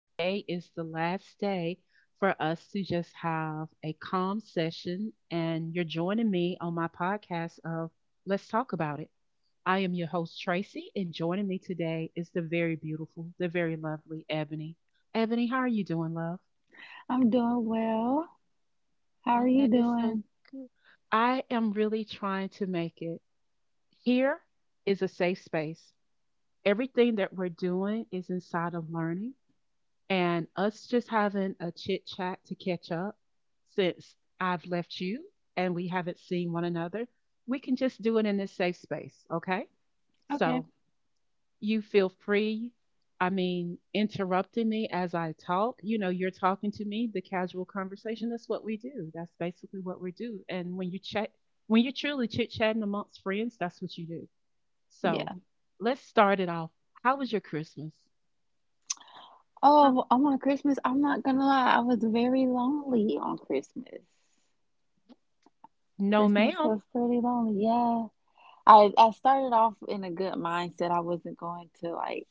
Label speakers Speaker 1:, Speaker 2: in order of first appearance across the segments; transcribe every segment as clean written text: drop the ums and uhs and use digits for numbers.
Speaker 1: Today is the last day for us to just have a calm session, and you're joining me on my podcast of Let's Talk About It. I am your host, Tracy, and joining me today is the very beautiful, the very lovely Ebony. Ebony, how are you doing, love?
Speaker 2: I'm doing well. How are
Speaker 1: Oh,
Speaker 2: you
Speaker 1: that is so
Speaker 2: doing?
Speaker 1: good. I am really trying to make it. Here is a safe space. Everything that we're doing is inside of learning and us just having a chit chat to catch up since I've left you and we haven't seen one another, we can just do it in this safe space, okay?
Speaker 2: Okay.
Speaker 1: So you feel free. I mean, interrupting me as I talk, you're talking to me, the casual conversation, that's what we do. That's basically what we do. And when you chat, when you're truly chit chatting amongst friends, that's what you do. So
Speaker 2: Yeah.
Speaker 1: let's start it off. How was your Christmas? No,
Speaker 2: Oh, I'm on Christmas, I'm not gonna lie, I was very lonely on Christmas.
Speaker 1: no
Speaker 2: Christmas
Speaker 1: ma'am.
Speaker 2: was pretty lonely. Yeah. I started off in a good mindset. I wasn't going to like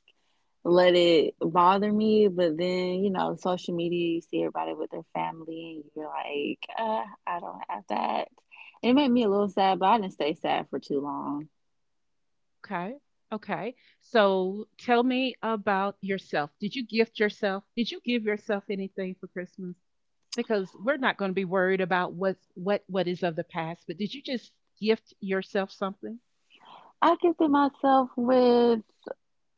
Speaker 2: let it bother me, but then, you know, social media, you see everybody with their family and you're like, I don't have that. And it made me a little sad, but I didn't stay sad for too long.
Speaker 1: Okay. Okay. So tell me about yourself. Did you gift yourself? Did you give yourself anything for Christmas? Because we're not going to be worried about what is of the past, but did you just gift yourself something?
Speaker 2: I gifted myself with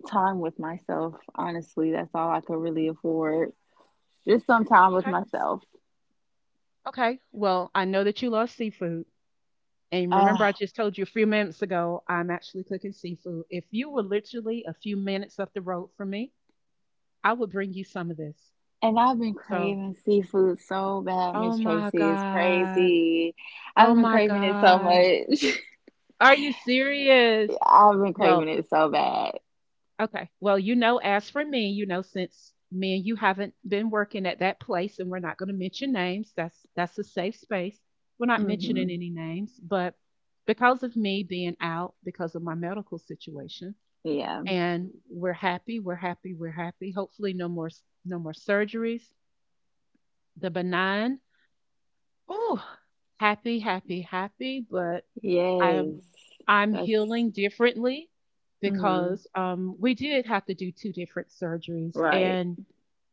Speaker 2: time with myself, honestly, that's all I could really afford. Just some time with
Speaker 1: Okay.
Speaker 2: myself.
Speaker 1: Okay. Well, I know that you love seafood. And remember I
Speaker 2: Ugh.
Speaker 1: just told you a few minutes ago I'm actually cooking seafood. If you were literally a few minutes up the road from me, I would bring you some of this.
Speaker 2: And I've been
Speaker 1: So,
Speaker 2: craving seafood so bad,
Speaker 1: oh
Speaker 2: Miss
Speaker 1: my
Speaker 2: Tracy. It's
Speaker 1: God.
Speaker 2: crazy.
Speaker 1: Oh
Speaker 2: I've been
Speaker 1: my
Speaker 2: craving it so
Speaker 1: God.
Speaker 2: much.
Speaker 1: Are you serious?
Speaker 2: I've been craving
Speaker 1: Well,
Speaker 2: it so bad.
Speaker 1: okay. Well, you know, as for me, you know, since me and you haven't been working at that place and we're not going to mention names, that's a safe space. We're not mentioning
Speaker 2: Hmm.
Speaker 1: any names, but because of me being out because of my medical situation
Speaker 2: Yeah.
Speaker 1: and we're happy, we're happy, we're happy. Hopefully no more surgeries. The benign. Oh, happy, happy, happy, but I'm
Speaker 2: Yes.
Speaker 1: I'm
Speaker 2: That's
Speaker 1: healing differently
Speaker 2: hmm
Speaker 1: because we did have to do two different surgeries.
Speaker 2: right.
Speaker 1: And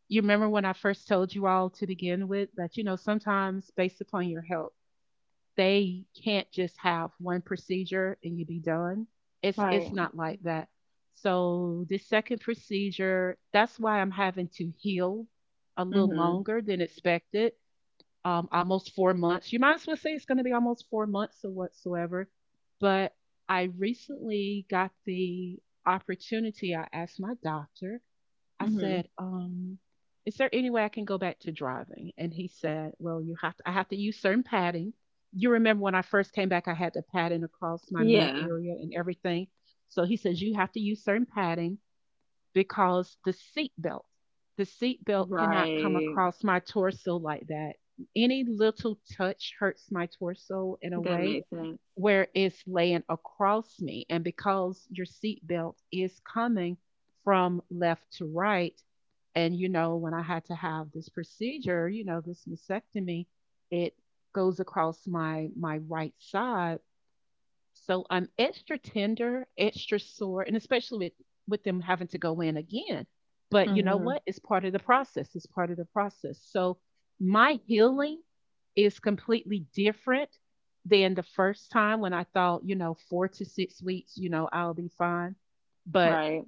Speaker 1: you remember when I first told you all to begin with that you know sometimes based upon your health, they can't just have one procedure and you be done. It's
Speaker 2: Right.
Speaker 1: not like that. So the second procedure, that's why I'm having to heal a little
Speaker 2: Hmm.
Speaker 1: longer than expected, almost 4 months. You might as well say it's going to be almost 4 months or whatsoever. But I recently got the opportunity. I asked my doctor, I
Speaker 2: Hmm.
Speaker 1: said, is there any way I can go back to driving? And he said, well, I have to use certain padding. You remember when I first came back, I had the padding across my mid
Speaker 2: Yeah.
Speaker 1: area and everything. So he says, you have to use certain padding because the seatbelt cannot come
Speaker 2: Right.
Speaker 1: across my torso like that. Any little touch hurts my torso in a
Speaker 2: That
Speaker 1: way
Speaker 2: makes sense.
Speaker 1: where it's laying across me. And because your seatbelt is coming from left to right, and you know, when I had to have this procedure, you know, this mastectomy, it goes across my right side so I'm extra tender, extra sore, and especially with them having to go in again. But you know what?
Speaker 2: Hmm.
Speaker 1: It's part of the process. It's part of the process. So my healing is completely different than the first time when I thought, you know, 4 to 6 weeks, you know, I'll be fine. But
Speaker 2: Right.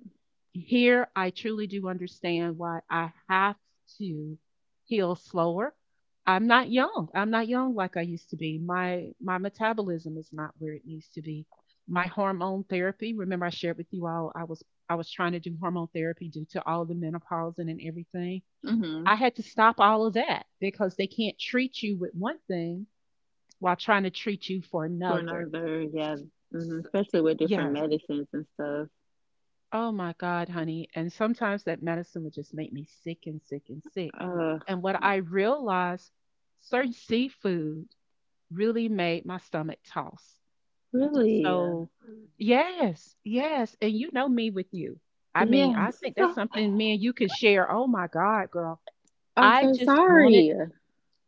Speaker 1: here I truly do understand why I have to heal slower. I'm not young. I'm not young like I used to be. My metabolism is not where it needs to be. My hormone therapy, remember I shared with you all I was trying to do hormone therapy due to all the menopause and everything.
Speaker 2: Mm-hmm.
Speaker 1: I had to stop all of that because they can't treat you with one thing while trying to treat you for
Speaker 2: For
Speaker 1: another.
Speaker 2: another, yeah, hmm
Speaker 1: So,
Speaker 2: especially with different
Speaker 1: yes.
Speaker 2: medicines and stuff.
Speaker 1: Oh my God, honey. And sometimes that medicine would just make me sick and sick and sick.
Speaker 2: Uh,
Speaker 1: And what I realized, certain seafood really made my stomach toss.
Speaker 2: really,
Speaker 1: So, yes, yes. And you know me with you. I
Speaker 2: yeah,
Speaker 1: mean, I think that's something me and you could share. Oh my God, girl.
Speaker 2: I'm
Speaker 1: I
Speaker 2: so
Speaker 1: just wanted,
Speaker 2: sorry.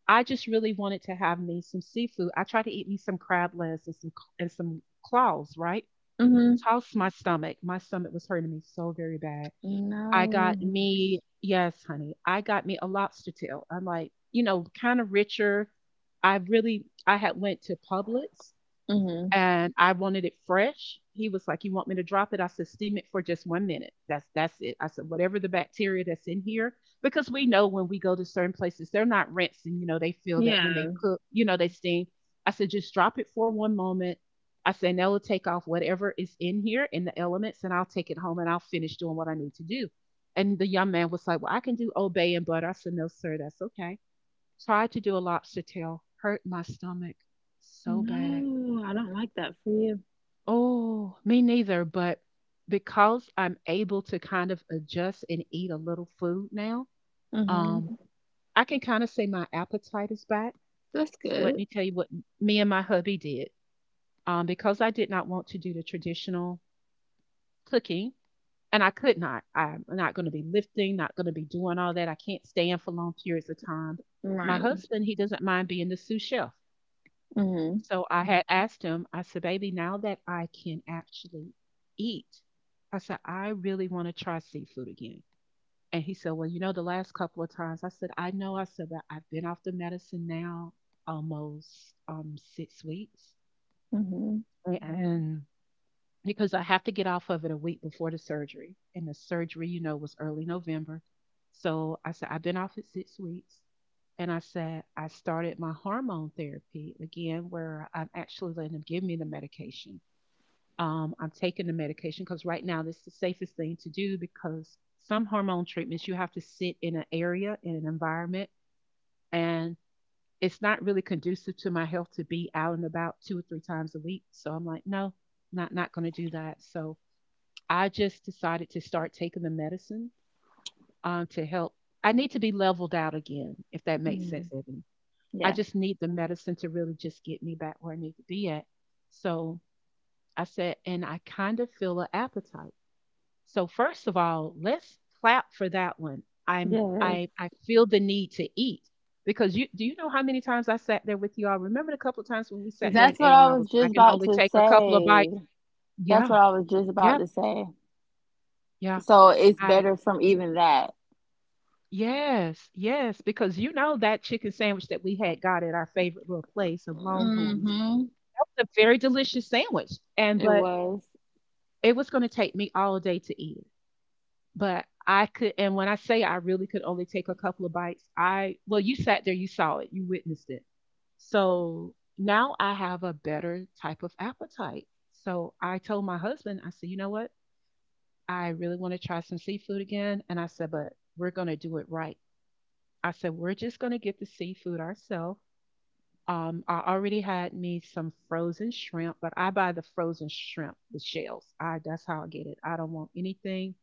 Speaker 1: I just really wanted to have me some seafood. I tried to eat me some crab legs and some claws, right?
Speaker 2: Hmm.
Speaker 1: Tossed my stomach. My stomach was hurting me so very bad. I got
Speaker 2: No.
Speaker 1: me yes, honey. I got me a lobster tail. I'm like, you know, kind of richer. I had went to Publix
Speaker 2: Hmm.
Speaker 1: and I wanted it fresh. He was like, "You want me to drop it?" I said, "Steam it for just 1 minute. That's it." I said, "Whatever the bacteria that's in here, because we know when we go to certain places, they're not rinsing. You know, they feel that when they
Speaker 2: Yeah.
Speaker 1: cook, you know, they steam." I said, "Just drop it for one moment." I said, "Now they'll take off whatever is in here in the elements, and I'll take it home and I'll finish doing what I need to do." And the young man was like, "Well, I can do obey and butter." I said, "No, sir, that's okay." Tried to do a lobster tail, hurt my stomach so bad.
Speaker 2: No, I don't like that for you.
Speaker 1: Oh, me neither, but because I'm able to kind of adjust and eat a little food now,
Speaker 2: Hmm.
Speaker 1: um, I can kind of say my appetite is back.
Speaker 2: That's
Speaker 1: So let
Speaker 2: good.
Speaker 1: me tell you what me and my hubby did. Because I did not want to do the traditional cooking, and I could not. I'm not going to be lifting, not going to be doing all that. I can't stand for long periods of time. My
Speaker 2: Right.
Speaker 1: husband, he doesn't mind being the sous chef.
Speaker 2: Hmm.
Speaker 1: So I had asked him, I said, baby, now that I can actually eat, I said, I really want to try seafood again. And he said, well, you know, the last couple of times, I said, I know. I said, but I've been off the medicine now almost, 6 weeks.
Speaker 2: Hmm.
Speaker 1: And because I have to get off of it a week before the surgery. And the surgery, you know, was early November. So I said, I've been off it 6 weeks. And I said, I started my hormone therapy again, where I'm actually letting them give me the medication. I'm taking the medication because right now this is the safest thing to do because some hormone treatments you have to sit in an area, in an environment, and it's not really conducive to my health to be out and about 2 or 3 times a week. So I'm like, no, not going to do that. So I just decided to start taking the medicine, to help. I need to be leveled out again, if that makes sense.
Speaker 2: Hmm.
Speaker 1: I
Speaker 2: Yeah.
Speaker 1: just need the medicine to really just get me back where I need to be at. So I said, and I kind of feel an appetite. So first of all, let's clap for that one.
Speaker 2: Yes.
Speaker 1: I feel the need to eat because you do you know how many times I sat there with you all? Remember the couple of times when we sat there and
Speaker 2: That's what
Speaker 1: ate,
Speaker 2: I
Speaker 1: and
Speaker 2: was
Speaker 1: I
Speaker 2: just
Speaker 1: can
Speaker 2: about
Speaker 1: only
Speaker 2: to
Speaker 1: take a couple of bites.
Speaker 2: say. That's
Speaker 1: Yeah,
Speaker 2: what I was just about
Speaker 1: yeah,
Speaker 2: to say.
Speaker 1: yeah.
Speaker 2: So it's
Speaker 1: I
Speaker 2: better from even that.
Speaker 1: yes, yes, because you know that chicken sandwich that we had got at our favorite little place of Longhorns.
Speaker 2: Hmm.
Speaker 1: That was a very delicious sandwich, and
Speaker 2: It
Speaker 1: but
Speaker 2: was.
Speaker 1: it was going to take me all day to eat it, but I could. And when I say I really could only take a couple of bites, I well, you sat there, you saw it, you witnessed it. So now I have a better type of appetite. So I told my husband, I said, you know what? I really want to try some seafood again. And I said, but we're going to do it right. I said, we're just going to get the seafood ourselves. I already had me some frozen shrimp, but I buy the frozen shrimp, the shells. I that's how I get it.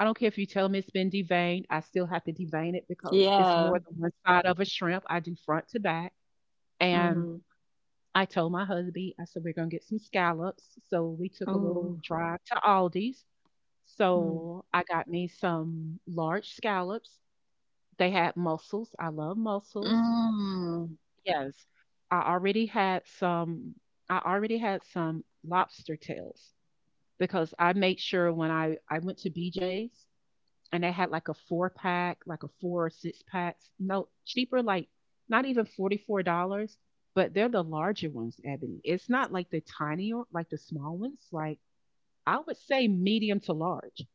Speaker 1: I don't care if you tell me it's been deveined, I still have to devein it because it's more
Speaker 2: Yeah.
Speaker 1: than one side of a shrimp. I do front to back. And
Speaker 2: Mm-hmm.
Speaker 1: I told my husband, I said, we're going to get some scallops. So we took a little
Speaker 2: Ooh.
Speaker 1: drive to Aldi's.
Speaker 2: Mm.
Speaker 1: So I got me some large scallops. They had mussels. I love mussels.
Speaker 2: Mm.
Speaker 1: Yes. I already had some I already had some lobster tails because I made sure when I went to BJ's and they had like a four pack, like a four or six packs. No, cheaper, like not even $44. But they're the larger ones, Ebony. It's not like the tiny, like the small ones. Like I would say medium to large.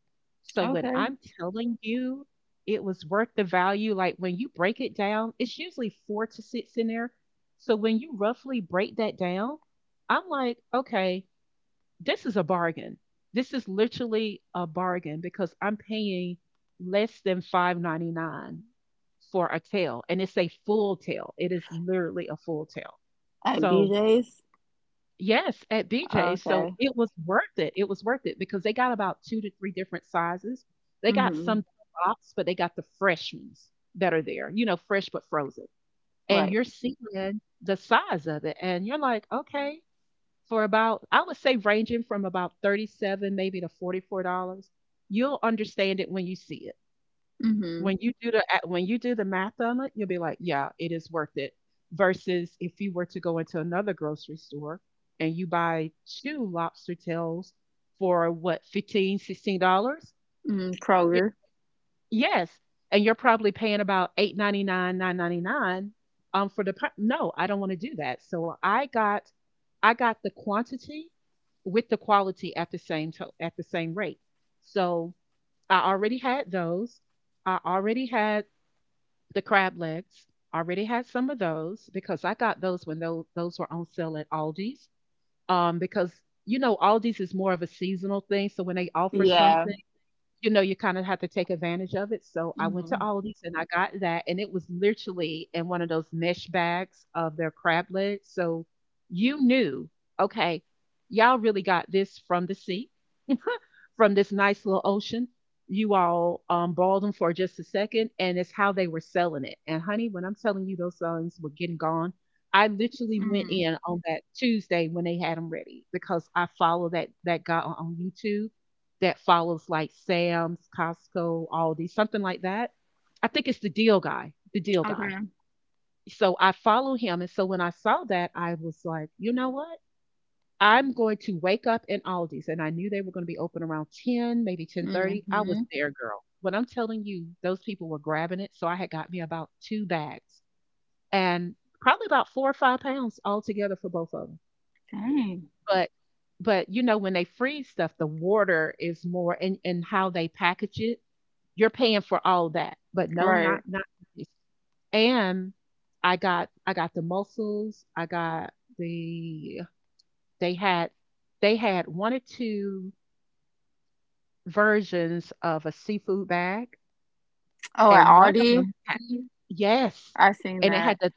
Speaker 1: So when
Speaker 2: Okay.
Speaker 1: I'm telling you it was worth the value, like when you break it down, it's usually 4 to 6 in there. So when you roughly break that down, I'm like, okay, this is a bargain. This is literally a bargain because I'm paying less than 5.99 for a tail, and it's a full tail. It is literally a full tail.
Speaker 2: At
Speaker 1: So
Speaker 2: BJ's.
Speaker 1: yes, at BJ, so
Speaker 2: Okay.
Speaker 1: it was worth it. It was worth it because they got about 2 to 3 different sizes. They got
Speaker 2: Mm-hmm.
Speaker 1: some that are boxed, but they got the fresh ones that are there. You know, fresh but frozen, and
Speaker 2: Right.
Speaker 1: you're seeing the size of it, and you're like, okay, for about I would say ranging from about 37 maybe to $44. You'll understand it when you see it.
Speaker 2: Mm-hmm.
Speaker 1: When you do when you do the math on it, you'll be like, yeah, it is worth it. Versus if you were to go into another grocery store and you buy two lobster tails for what, 15, $16.
Speaker 2: Mm. Kroger.
Speaker 1: Yes, and you're probably paying about 8.99, 9.99, for the pri no, I don't wanna do that, so I got the quantity with the quality at the same rate. So, I already had those, I already had the crab legs, already had some of those because I got those when those were on sale at Aldi's, because, you know, Aldi's is more of a seasonal thing, so when they offer
Speaker 2: Yeah.
Speaker 1: something, you know, you kinda have to take advantage of it, so I went to
Speaker 2: Mm-hmm.
Speaker 1: Aldi's and I got that, and it was literally in one of those mesh bags of their crab legs, so you knew, "Okay, y'all really got this from the sea from this nice little ocean. You all bawled them for just a second," and it's how they were selling it. And honey, when I'm telling you those songs were getting gone, I literally went
Speaker 2: Mm.
Speaker 1: in on that Tuesday when they had them ready because I follow that guy on YouTube that follows like Sam's, Costco, Aldi, something like that. I think it's the deal guy, the deal guy.
Speaker 2: Okay.
Speaker 1: So I follow him, and so when I saw that, I was like, you know what? I'm going to wake up in Aldi's, and I knew they were gonna be open around 10, maybe 10:30. I was
Speaker 2: Mm-hmm.
Speaker 1: there, girl. When I'm telling you, those people were grabbing it, so I had got me about 2 bags and probably about 4 or 5 pounds altogether for both of them.
Speaker 2: Dang.
Speaker 1: But but, you know, when they freeze stuff, the water is more and how they package it, you're paying for all that. But no,
Speaker 2: Right.
Speaker 1: not this. And I got the mussels, I got they had 1 or 2 versions of a seafood bag,
Speaker 2: Oh, at
Speaker 1: and one of
Speaker 2: Aldi.
Speaker 1: them had, yes,
Speaker 2: I seen
Speaker 1: and it had
Speaker 2: that.
Speaker 1: the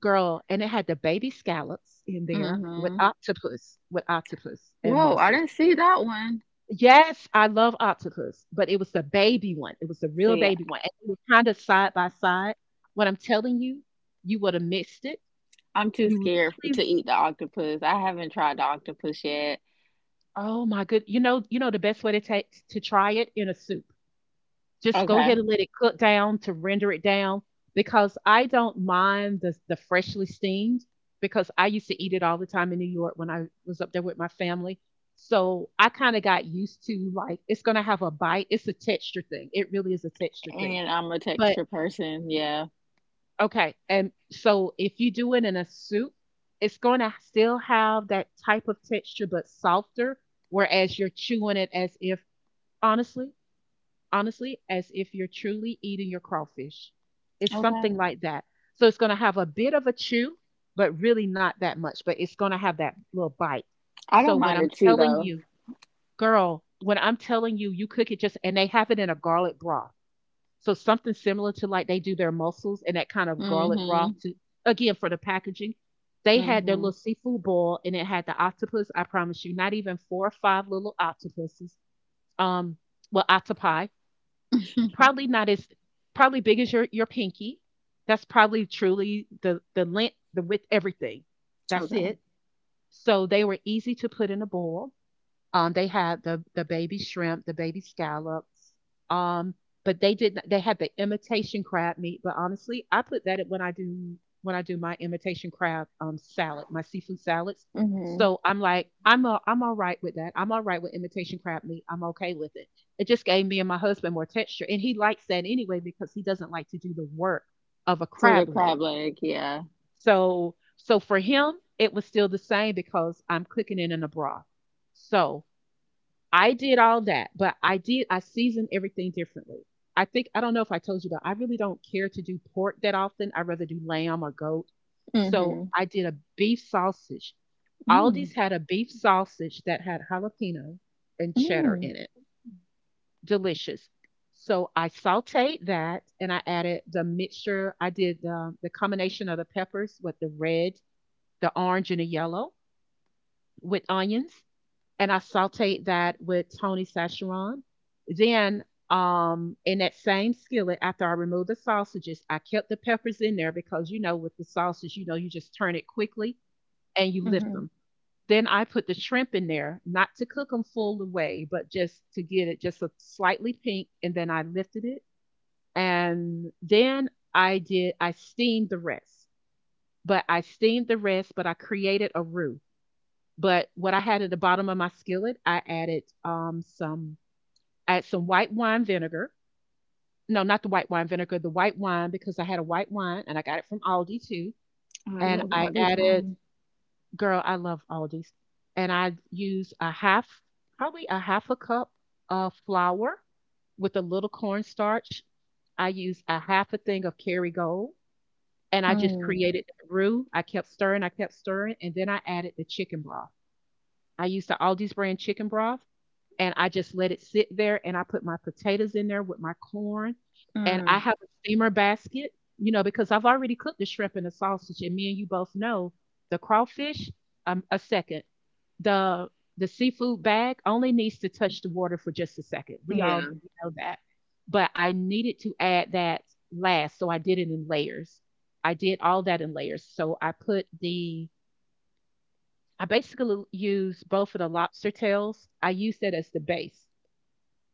Speaker 1: girl, and it had the baby scallops in there with
Speaker 2: Mm-hmm.
Speaker 1: octopus, and
Speaker 2: Whoa, I
Speaker 1: mussels.
Speaker 2: didn't see that one.
Speaker 1: Yes, I love octopus, but it was the baby one. It was the real
Speaker 2: See,
Speaker 1: baby one, and it was kind of side by side. What I'm telling you, you would have missed it.
Speaker 2: I'm too
Speaker 1: You
Speaker 2: scared
Speaker 1: literally,
Speaker 2: to eat the octopus. I haven't tried the octopus yet.
Speaker 1: oh my good, you know the best way to take to try it in a soup. Just go
Speaker 2: Okay.
Speaker 1: ahead and let it cook down to render it down because I don't mind the freshly steamed because I used to eat it all the time in New York when I was up there with my family. So I kind of got used to, like, it's gonna have a bite. It's a texture thing. It really is a texture thing.
Speaker 2: And I'm a
Speaker 1: But
Speaker 2: texture person. Yeah.
Speaker 1: okay, and so if you do it in a soup, it's gonna still have that type of texture but softer, whereas you're chewing it as if, honestly, as if you're truly eating your crawfish. It's
Speaker 2: Okay.
Speaker 1: something like that. So it's going to have a bit of a chew, but really not that much, but it's going to have that little bite.
Speaker 2: I
Speaker 1: So
Speaker 2: don't
Speaker 1: when
Speaker 2: mind
Speaker 1: I'm
Speaker 2: it too,
Speaker 1: telling
Speaker 2: though.
Speaker 1: you, girl, when I'm telling you, you cook it just, and they have it in a garlic broth. So something similar to like they do their mussels and that kind of garlic broth
Speaker 2: Mm-hmm.
Speaker 1: to, again, for the packaging. They had their
Speaker 2: Mm-hmm.
Speaker 1: little seafood bowl and it had the octopus. I promise you, not even 4 or 5 little octopuses. Um, well, octopi, probably not as, probably big as your pinky. That's probably truly the length, the width, everything. That's
Speaker 2: Okay.
Speaker 1: it. So they were easy to put in a bowl. They had the baby shrimp, the baby scallops. Um, but they did not. They had the imitation crab meat. But honestly, I put that in when I do my imitation crab salad, my seafood salads.
Speaker 2: Mm-hmm.
Speaker 1: So I'm like, I'm all right with that. I'm all right with imitation crab meat. I'm okay with it. It just gave me and my husband more texture, and he likes that anyway because he doesn't like to do the work of a
Speaker 2: For the
Speaker 1: crab leg.
Speaker 2: crab leg, yeah.
Speaker 1: So for him, it was still the same because I'm cooking it in a broth. So I did all that, but I seasoned everything differently. I think, I don't know if I told you, but I really don't care to do pork that often. I rather do lamb or goat. So
Speaker 2: Mm-hmm.
Speaker 1: I did a beef sausage. Aldi's
Speaker 2: Mm.
Speaker 1: had a beef sausage that had jalapeno and cheddar in
Speaker 2: Mm.
Speaker 1: it. Delicious. So I sauteed that and I added the mixture. I did the combination of the peppers with the red, the orange, and the yellow with onions, and I sauteed that with Tony Sacheron. Then, in that same skillet, after I removed the sausages, I kept the peppers in there because, you know, with the sausage, you know, you just turn it quickly and you lift
Speaker 2: Mm-hmm.
Speaker 1: them. Then I put the shrimp in there, not to cook them full away, but just to get it just a slightly pink. And then I lifted it, and then I steamed the rest. But I steamed the rest, but I created a roux. But what I had at the bottom of my skillet, I added some I had some white wine vinegar. No, not the white wine vinegar, the white wine because I had a white wine and I got it from Aldi too.
Speaker 2: Oh, I
Speaker 1: And
Speaker 2: love
Speaker 1: I
Speaker 2: all these
Speaker 1: added,
Speaker 2: wines.
Speaker 1: girl, I love Aldi's. And I used a half, probably a half a cup of flour with a little cornstarch. I used a half a thing of Kerrygold and I just
Speaker 2: Mm.
Speaker 1: created the roux. I kept stirring, and then I added the chicken broth. I used the Aldi's brand chicken broth and I just let it sit there and I put my potatoes in there with my corn, and I
Speaker 2: Mm.
Speaker 1: have a steamer basket, you know, because I've already cooked the shrimp and the sausage, and me and you both know the crawfish a second. The the seafood bag only needs to touch the water for just a second. We all
Speaker 2: Yeah.
Speaker 1: know that. But I needed to add that last, so I did it in layers. I did all that in layers. So I put the I basically used both of the lobster tails. I used that as the base,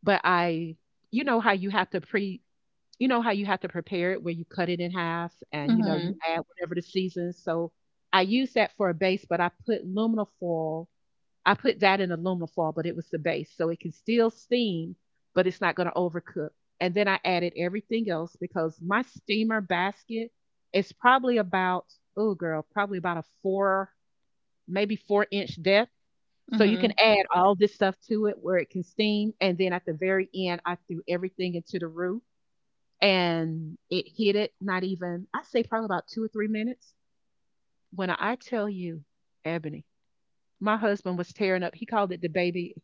Speaker 1: but I, you know how you have to pre you know how you have to prepare it where you cut it in half and, you know, you
Speaker 2: Mm-hmm.
Speaker 1: add whatever the season. So I use that for a base, but I put aluminum foil. I put that in aluminum foil, but it was the base. So it can still steam, but it's not going to overcook. And then I added everything else because my steamer basket is probably about, oh girl, probably about a four, maybe four-inch depth, so you
Speaker 2: Mm-hmm.
Speaker 1: can add all this stuff to it where it can steam. And then at the very end, I threw everything into the roux and it hit it, not even, I say probably about 2 or 3 minutes. When I tell you, Ebony, my husband was tearing up. He called it the baby.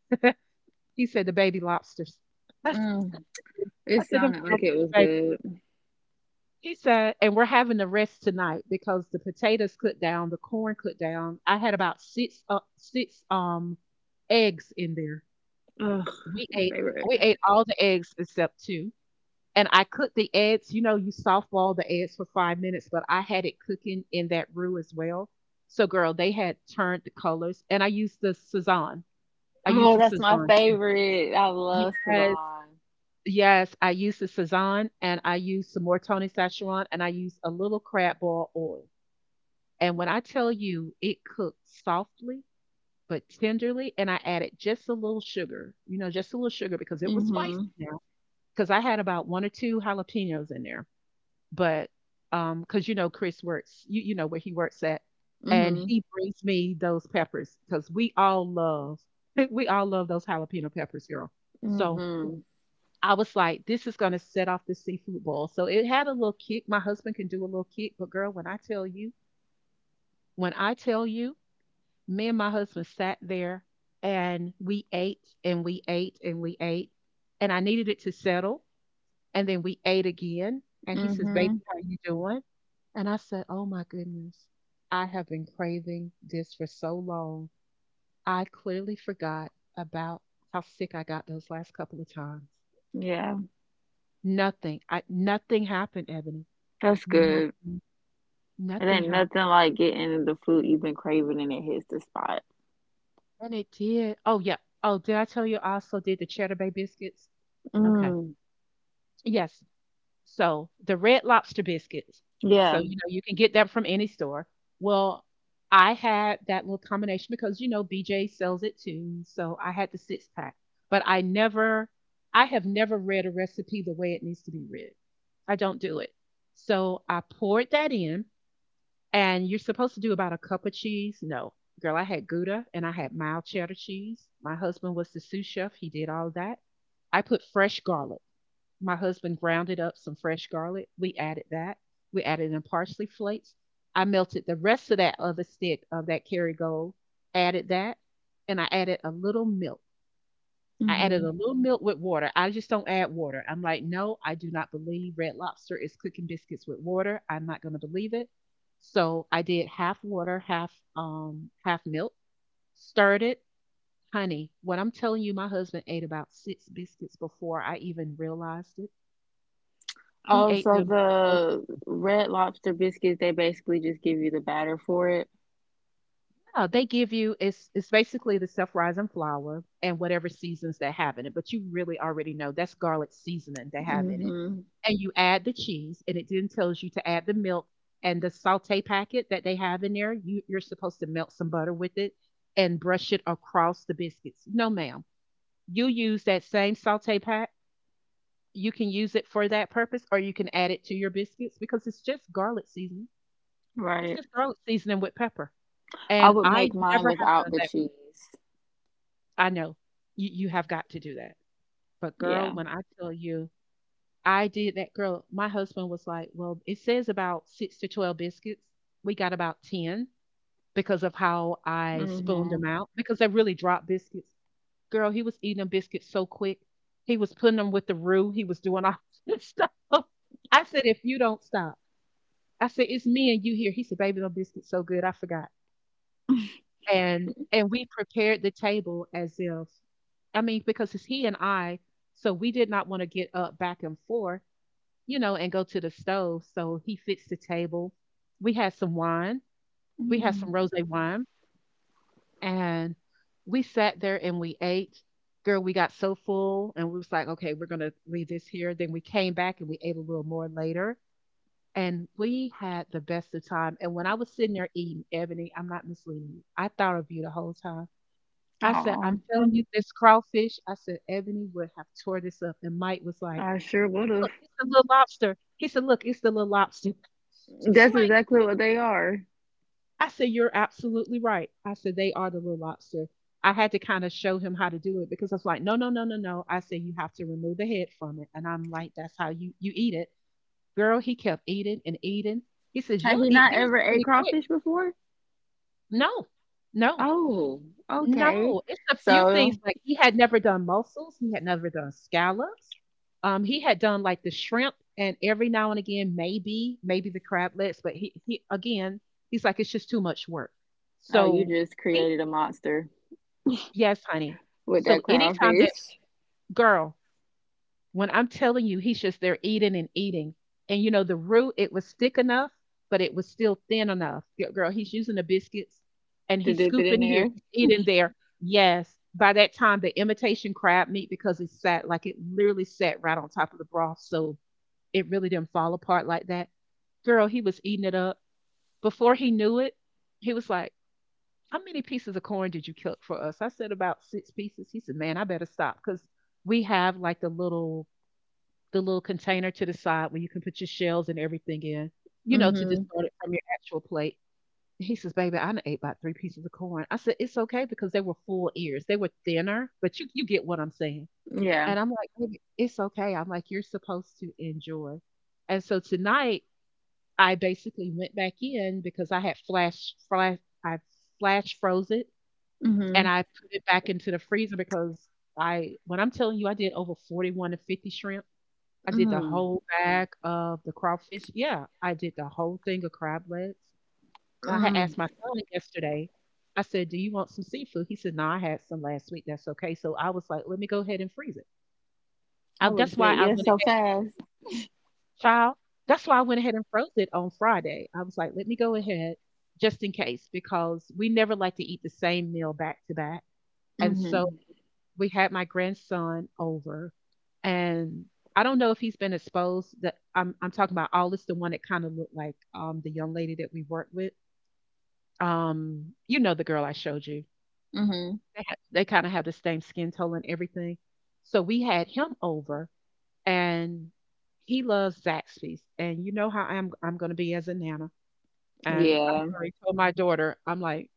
Speaker 1: He said the baby lobsters. I said,
Speaker 2: Mm. It
Speaker 1: them
Speaker 2: sounded like it
Speaker 1: crawfish,
Speaker 2: was
Speaker 1: baby.
Speaker 2: good.
Speaker 1: He said, and we're having the rest tonight because the potatoes cooked down, the corn cooked down. I had about six eggs in there.
Speaker 2: Oh, that's
Speaker 1: We
Speaker 2: my
Speaker 1: ate
Speaker 2: favorite.
Speaker 1: we ate all the eggs except 2, and I cooked the eggs, you know, you softball the eggs for 5 minutes, but I had it cooking in that roux as well. So, girl, they had turned the colors, and I used the Sazan. I used
Speaker 2: Oh,
Speaker 1: the
Speaker 2: that's my
Speaker 1: Sazan too.
Speaker 2: favorite. I love
Speaker 1: Yes,
Speaker 2: Savan.
Speaker 1: yes, I used the Sazan, and I used some more Tony Szechuan, and I used a little crab ball oil, and when I tell you it cooked softly but tenderly, and I added just a little sugar, you know, just a little sugar because it was spicy
Speaker 2: Mm-hmm.
Speaker 1: now. 'Cause I had about 1 or 2 jalapenos in there, but, because you know, Chris works where he works at, and
Speaker 2: Mm-hmm.
Speaker 1: he brings me those peppers because we all love we all love those jalapeno peppers, girl. So,
Speaker 2: Mm-hmm.
Speaker 1: I was like, "This is gonna set off the seafood boil." So, it had a little kick. My husband can do a little kick, but girl, when I tell you, me and my husband sat there, and we ate, and we ate, and we ate, and I needed it to settle. And then we ate again, and he says, "Baby,
Speaker 2: Mm-hmm.
Speaker 1: how you doing?" And I said, "Oh my goodness. I have been craving this for so long. I clearly forgot about how sick I got those last couple of times.
Speaker 2: Yeah,
Speaker 1: Nothing. I Nothing happened, Ebony.
Speaker 2: that's good.
Speaker 1: Nothing.
Speaker 2: It
Speaker 1: Nothing
Speaker 2: ain't
Speaker 1: happened."
Speaker 2: nothing like getting the food you've been craving and it hits the spot.
Speaker 1: And it did. Oh yeah. Oh, did I tell you I also did the cheddar bay biscuits? Okay.
Speaker 2: Mm,
Speaker 1: Yes. So, the Red Lobster biscuits. So,
Speaker 2: yeah.
Speaker 1: you know, you can get them from any store. Well, I had that little combination because, you know, BJ sells it too. So I had the six pack, but I never, I have never read a recipe the way it needs to be read. I don't do it. So I poured that in, and you're supposed to do about a cup of cheese. No, girl, I had Gouda and I had mild cheddar cheese. My husband was the sous chef, he did all of that. I put fresh garlic, my husband grounded up some fresh garlic. We added that. We added in parsley flakes. I melted the rest of that other stick of that Kerrygold, added that, and I added a little milk. I added
Speaker 2: Hmm.
Speaker 1: a little milk with water. I just don't add water. I'm like, no, I do not believe Red Lobster is cooking biscuits with water. I'm not going to believe it. So I did half water, half half milk, stirred it. Honey, what I'm telling you, my husband ate about six biscuits before I even realized it, he
Speaker 2: Oh,
Speaker 1: ate
Speaker 2: so
Speaker 1: them so
Speaker 2: the
Speaker 1: quickly.
Speaker 2: Red Lobster biscuits, they basically just give you the batter for it.
Speaker 1: No, they give you it's basically the self-rising flour and whatever seasons they have in it, but you really already know that's garlic seasoning they have in it.
Speaker 2: Hmm.
Speaker 1: And you add the cheese, and it then tells you to add the milk and the sauté packet that they have in there. You're supposed to melt some butter with it and brush it across the biscuits. No, ma'am. You use that same sauté pack. You can use it for that purpose, or you can add it to your biscuits because it's just garlic seasoning. It's
Speaker 2: Right.
Speaker 1: just garlic seasoning with pepper.
Speaker 2: I
Speaker 1: And
Speaker 2: would
Speaker 1: I
Speaker 2: make mine
Speaker 1: never have
Speaker 2: without
Speaker 1: done
Speaker 2: the
Speaker 1: that.
Speaker 2: cheese.
Speaker 1: I know. You have got to do that. But
Speaker 2: Yeah.
Speaker 1: girl, when I tell you I did that, girl, my husband was like, "Well, it says about 6 to 12 biscuits. We got about 10 because of how I spooned them
Speaker 2: Hmm.
Speaker 1: out because I really dropped biscuits." Girl, he was eating them biscuits so quick. He was putting them with the roux. He was doing all this stuff. I said, "If you don't stop." I said, "It's me and you here." He said, "Baby, them biscuits so good. I forgot." And we prepared the table as if, I mean, because it's he and I, so we did not want to get up back and forth, you know, and go to the stove. So he fixed the table. We had some wine. We had some
Speaker 2: Mm.
Speaker 1: rosé wine, and we sat there and we ate. Girl, we got so full, and we was like, okay, we're gonna leave this here. Then we came back and we ate a little more later, and we had the best of time. And when I was sitting there eating, Ebony, I'm not misleading you. I thought of you the whole time. I said,
Speaker 2: Oh,
Speaker 1: "I'm telling you, this crawfish," I said, "Ebony would have tore this up." And Mike was like,
Speaker 2: I sure would have.
Speaker 1: "Look, it's the little lobster." He said, "Look, it's the little lobster." It's
Speaker 2: That's
Speaker 1: like,
Speaker 2: exactly what they are.
Speaker 1: I said, "You're absolutely right." I said, "They are the little lobster." I had to kind of show him how to do it because I was like, "No, no, no, no, no." I said, "You have to remove the head from it," and I'm like, "That's how you eat it, girl." He kept eating and eating. He says,
Speaker 2: Had
Speaker 1: "You'll
Speaker 2: he
Speaker 1: eat
Speaker 2: not
Speaker 1: these
Speaker 2: ever ate
Speaker 1: pretty quick."
Speaker 2: crawfish before?
Speaker 1: No, no.
Speaker 2: Oh, okay.
Speaker 1: No, it's a few things,
Speaker 2: So,
Speaker 1: like, he had never done mussels, he had never done scallops, he had done, like, the shrimp and every now and again, maybe the crablets, but he again, he's like, "It's just too much work."
Speaker 2: oh, you
Speaker 1: So
Speaker 2: just
Speaker 1: he,
Speaker 2: created a monster
Speaker 1: yes, honey.
Speaker 2: with that
Speaker 1: So anytime that,
Speaker 2: crawfish
Speaker 1: girl, when I'm telling you, he's just there eating and eating. And you know, the root, it was thick enough, but it was still thin enough. Girl, he's using the biscuits and
Speaker 2: to
Speaker 1: he's
Speaker 2: dip it in
Speaker 1: scooping here,
Speaker 2: there.
Speaker 1: he's eating there. Yes. By that time, the imitation crab meat, because it sat like it literally sat right on top of the broth. So it really didn't fall apart like that. Girl, he was eating it up. Before he knew it, he was like, "How many pieces of corn did you cook for us?" I said, "About six pieces." He said, "Man, I better stop because we have like the little, the little container to the side where you can put your shells and everything in, you know, to
Speaker 2: Mm-hmm.
Speaker 1: distort it from your actual plate." He says, "Baby, I done ate about three pieces of corn." I said, "It's okay because they were full ears. They were thinner, but you get what I'm saying."
Speaker 2: Yeah.
Speaker 1: And I'm like, "Baby, it's okay." I'm like, "You're supposed to enjoy." And so tonight, I basically went back in because I had I flash froze it
Speaker 2: Mm-hmm.
Speaker 1: and I put it back into the freezer because, I, when I'm telling you, I did over 41 to 50 shrimp, I did the
Speaker 2: Mm.
Speaker 1: whole bag of the crawfish. Yeah, I did the whole thing of crab legs. I had
Speaker 2: Mm.
Speaker 1: asked my son yesterday. I said, "Do you want some seafood?" He said, "No, I had some last week. That's okay." So I was like, "Let me go ahead and freeze it." I,
Speaker 2: I would have
Speaker 1: that's why
Speaker 2: said
Speaker 1: I
Speaker 2: yes
Speaker 1: went
Speaker 2: so
Speaker 1: ahead,
Speaker 2: fast.
Speaker 1: child. That's why I went ahead and froze it on Friday. I was like, "Let me go ahead just in case," because we never like to eat the same meal back to back. And so
Speaker 2: Mm-hmm.
Speaker 1: we had my grandson over, and I don't know if he's been exposed. That I'm talking about Aldis, the one that kind of looked like the young lady that we worked with. You know the girl I showed you.
Speaker 2: Mm-hmm.
Speaker 1: They kind of have the same skin tone and everything. So we had him over, and he loves Zaxby's, and you know how I'm going to be as a nana. And I had
Speaker 2: Yeah.
Speaker 1: already told my daughter, I'm like,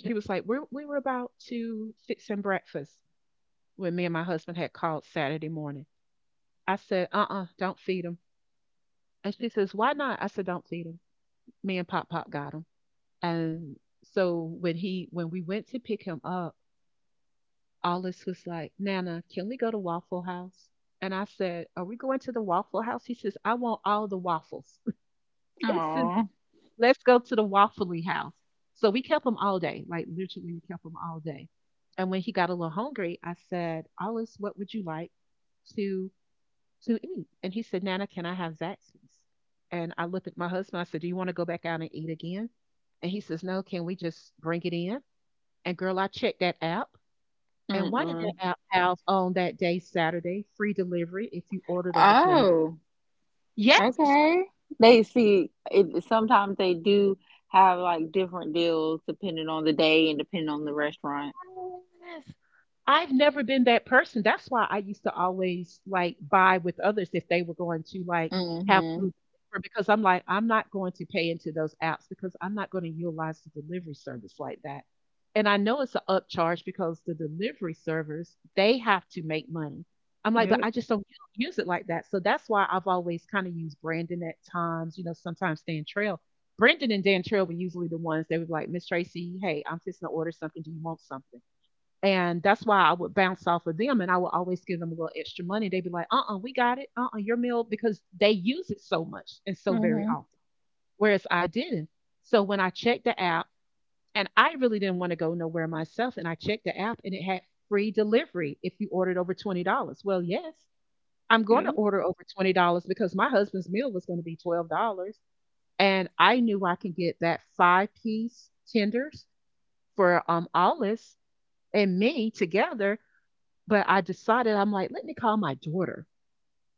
Speaker 1: she was like, we were about to fix him breakfast when me and my husband had called Saturday morning, I said, do not feed them. And she says, why not? I said, don't feed them. Me and Pop Pop got them. And so when we went to pick him up, Alice was like, "Nana, can we go to Waffle House?" And I said, "Are we going to the Waffle House?" He says, "I want all the waffles." It says,
Speaker 2: Oh.
Speaker 1: "Let's go to the Waffly House." So we kept him all day. Like literally, we kept him all day. And when he got a little hungry, I said, "Alice, what would you like to to eat?" And he said, "Nana, can I have Zaxby's?" And I looked at my husband. I said, "Do you want to go back out and eat again?" And he says, "No, can we just bring it in?" And girl, I checked that app. And why did that
Speaker 2: Mm-mm.
Speaker 1: app have on that day, Saturday, free delivery if you ordered over 20?
Speaker 2: Oh.
Speaker 1: Yes.
Speaker 2: Okay. They see. It, sometimes they do have like different deals depending on the day and depending on the restaurant.
Speaker 1: I've never been that person. That's why I used to always like buy with others if they were going to like have
Speaker 2: Mm-hmm.
Speaker 1: food delivered because I'm like, I'm not going to pay into those apps because I'm not going to utilize the delivery service like that. And I know it's an upcharge because the delivery servers, they have to make money. I'm like, but
Speaker 2: Yep.
Speaker 1: I just don't use it like that. So that's why I've always kind of used Brandon at times, you know, sometimes Dan Trail. Brandon and Dan Trail were usually the ones that were like, "Miss Tracy, hey, I'm fixing to order something. Do you want something?" And that's why I would bounce off of them, and I would always give them a little extra money. They'd be like, Uh uh, we got it. Uh, your meal," because they use it so much and so very
Speaker 2: Mm-hmm.
Speaker 1: often. Whereas I didn't. So when I checked the app, and I really didn't want to go nowhere myself, and I checked the app and it had free delivery if you ordered over $20. Well, yes, I'm going
Speaker 2: Yep.
Speaker 1: to order over $20, because my husband's meal was going to be $12. And I knew I could get that five-piece tenders for Alice and me together, but I decided, I'm like, "Let me call my daughter.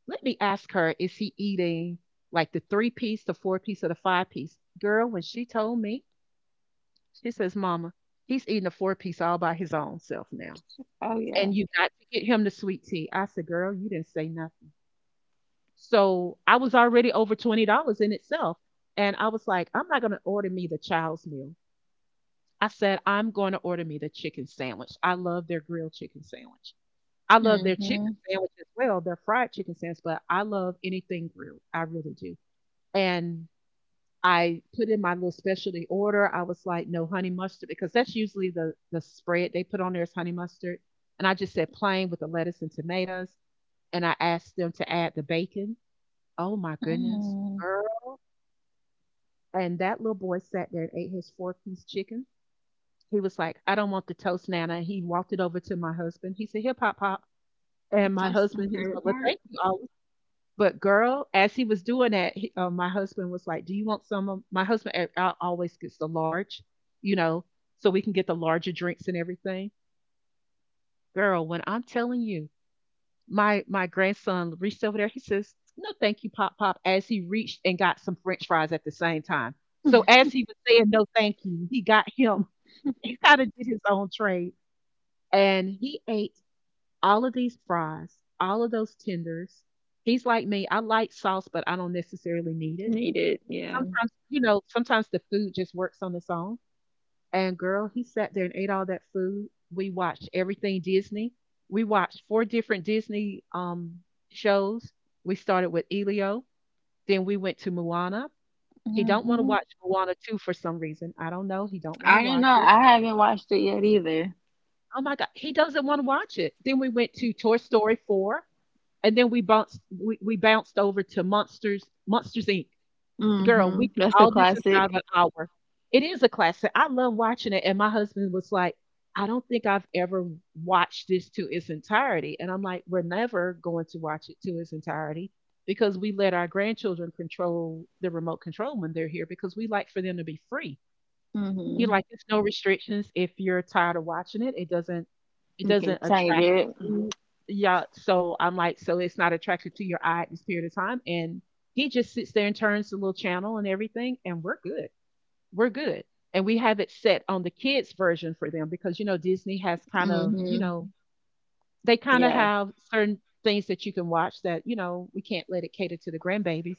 Speaker 1: Let me ask her, is she eating, like, the 3 piece, the 4 piece, or the 5 piece?" Girl, when she told me, she says, "Mama, he's eating a 4-piece all by his own self now,
Speaker 2: Oh yeah.
Speaker 1: and you got to get him the sweet tea." I said, "Girl, you didn't say nothing." So, I was already over $20 in itself, and I was like, "I'm not gonna order me the child's meal." I said, "I'm gonna order me the chicken sandwich." I love their grilled chicken sandwich. I love their
Speaker 2: Mm-hmm.
Speaker 1: chicken sandwich as well, their fried chicken sandwich, but I love anything grilled. I really do. And I put in my little specialty order. I was like, no honey mustard, because that's usually the spread they put on there is honey mustard. And I just said plain with the lettuce and tomatoes. And I asked them to add the bacon. Oh my goodness,
Speaker 2: Mm.
Speaker 1: girl. And that little boy sat there and ate his four-piece chicken. He was like, "I don't want the toast, Nana." He walked it over to my husband. He said, "Here, Pop Pop." And my
Speaker 2: That's my
Speaker 1: husband, he was
Speaker 2: favorite
Speaker 1: like, "Well,
Speaker 2: part.
Speaker 1: thank you all." But girl, as he was doing that, he, my husband was like, "Do you want some?" Of— my husband always gets the large, you know, so we can get the larger drinks and everything. Girl, when I'm telling you, my grandson reached over there. He says, "No, thank you, Pop Pop," as he reached and got some French fries at the same time. So as he was saying, "No, thank you," he got him. He kind of did his own trade, and he ate all of these fries, all of those tenders. He's like me. I like sauce, but I don't necessarily need it
Speaker 2: Needed. Yeah.
Speaker 1: sometimes. You know, sometimes the food just works on its own. And girl, he sat there and ate all that food. We watched everything Disney. We watched four different Disney shows. We started with Elio, then we went to Moana. He don't want to
Speaker 2: Hmm.
Speaker 1: watch Moana 2 for some reason. I don't know. He don't want to
Speaker 2: I don't know.
Speaker 1: watch it.
Speaker 2: I haven't watched it yet either.
Speaker 1: Oh my god, he doesn't want to watch it. Then we went to Toy Story 4, and then we bounced over to Monsters Inc. Girl,
Speaker 2: Hmm.
Speaker 1: we did
Speaker 2: That's a
Speaker 1: all this
Speaker 2: classic.
Speaker 1: inside of an hour. It is a classic. I love watching it. And my husband was like, "I don't think I've ever watched this to its entirety." And I'm like, we're never going to watch it to its entirety because we let our grandchildren control the remote control when they're here, because we like for them to be free. You
Speaker 2: Hmm.
Speaker 1: like, there's no restrictions if you're tired of watching it. It doesn't it
Speaker 2: You can
Speaker 1: doesn't
Speaker 2: change
Speaker 1: attract
Speaker 2: it.
Speaker 1: you. Yeah. So I'm like, so it's not attracted to your eye at this period of time. And he just sits there and turns the little channel and everything, and we're good. We're good. And we have it set on the kids' version for them, because you know Disney has kind of, you
Speaker 2: Hmm.
Speaker 1: know, they kind of
Speaker 2: Yeah.
Speaker 1: have certain things that you can watch that, you know, we can't let it cater to the grandbabies.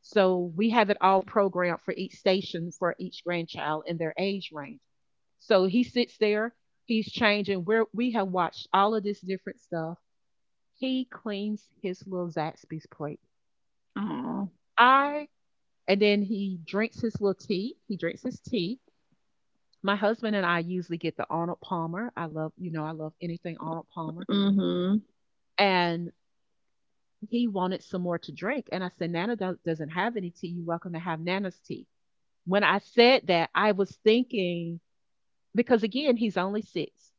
Speaker 1: So we have it all programmed for each station for each grandchild in their age range. So he sits there, he's changing. We have watched all of this different stuff. He cleans his little Zaxby's plate.
Speaker 2: Oh.
Speaker 1: I— and then he drinks his little tea. He drinks his tea. My husband and I usually get the Arnold Palmer. I love, you know, I love anything Arnold Palmer.
Speaker 2: Hmm.
Speaker 1: And he wanted some more to drink. And I said, "Nana doesn't have any tea. You're welcome to have Nana's tea." When I said that, I was thinking, because again, he's only six.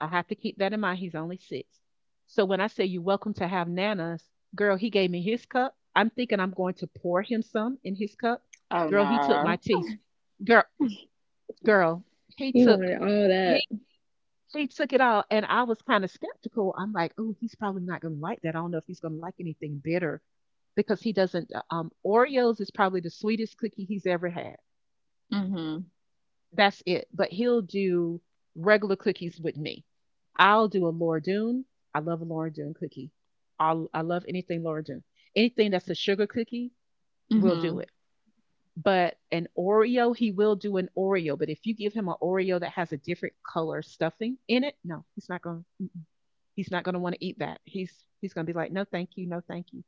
Speaker 1: I have to keep that in mind. He's only six. So when I say you're welcome to have Nana's, girl, he gave me his cup. I'm thinking I'm going to pour him some in his cup.
Speaker 2: Oh
Speaker 1: Girl, he took my
Speaker 2: no.
Speaker 1: tea. Girl, girl, he
Speaker 2: He
Speaker 1: took—
Speaker 2: wanted all
Speaker 1: he
Speaker 2: that.
Speaker 1: he took it all, and I was kind of skeptical. I'm like, oh, he's probably not going to like that. I don't know if he's going to like anything bitter, because he doesn't. Oreos is probably the sweetest cookie he's ever had.
Speaker 2: Hmm.
Speaker 1: That's it. But he'll do regular cookies with me. I'll do a Laura Doone. I love a Laura Doone cookie. I love anything Laura Doone. Anything that's a sugar cookie, we'll do
Speaker 2: Hmm.
Speaker 1: it. But an Oreo, he will do an Oreo. But if you give him an Oreo that has a different color stuffing in it, no, he's not going. To He's not going to want to eat that. He's going to be like, "No, thank you, no, thank you."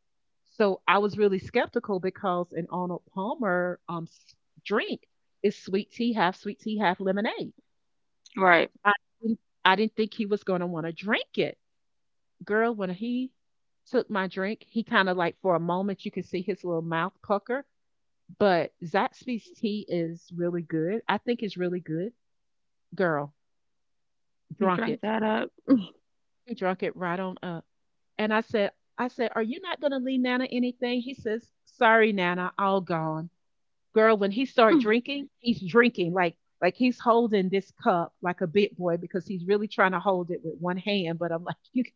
Speaker 1: So I was really skeptical because an Arnold Palmer drink is sweet tea, half lemonade.
Speaker 2: Right.
Speaker 1: I didn't I didn't think he was gonna wanna drink it. Girl, when he took my drink, he kinda like for a moment you could see his little mouth pucker, but Zaxby's tea is really good. I think it's really good. Girl,
Speaker 2: He
Speaker 1: drunk
Speaker 2: drank
Speaker 1: it.
Speaker 2: that up.
Speaker 1: He drunk it right on up. And I said, "Are you not gonna leave Nana anything?" He says, "Sorry, Nana, all gone." Girl, when he starts drinking, he's drinking like— like he's holding this cup like a big boy, because he's really trying to hold it with one hand. But I'm like, you,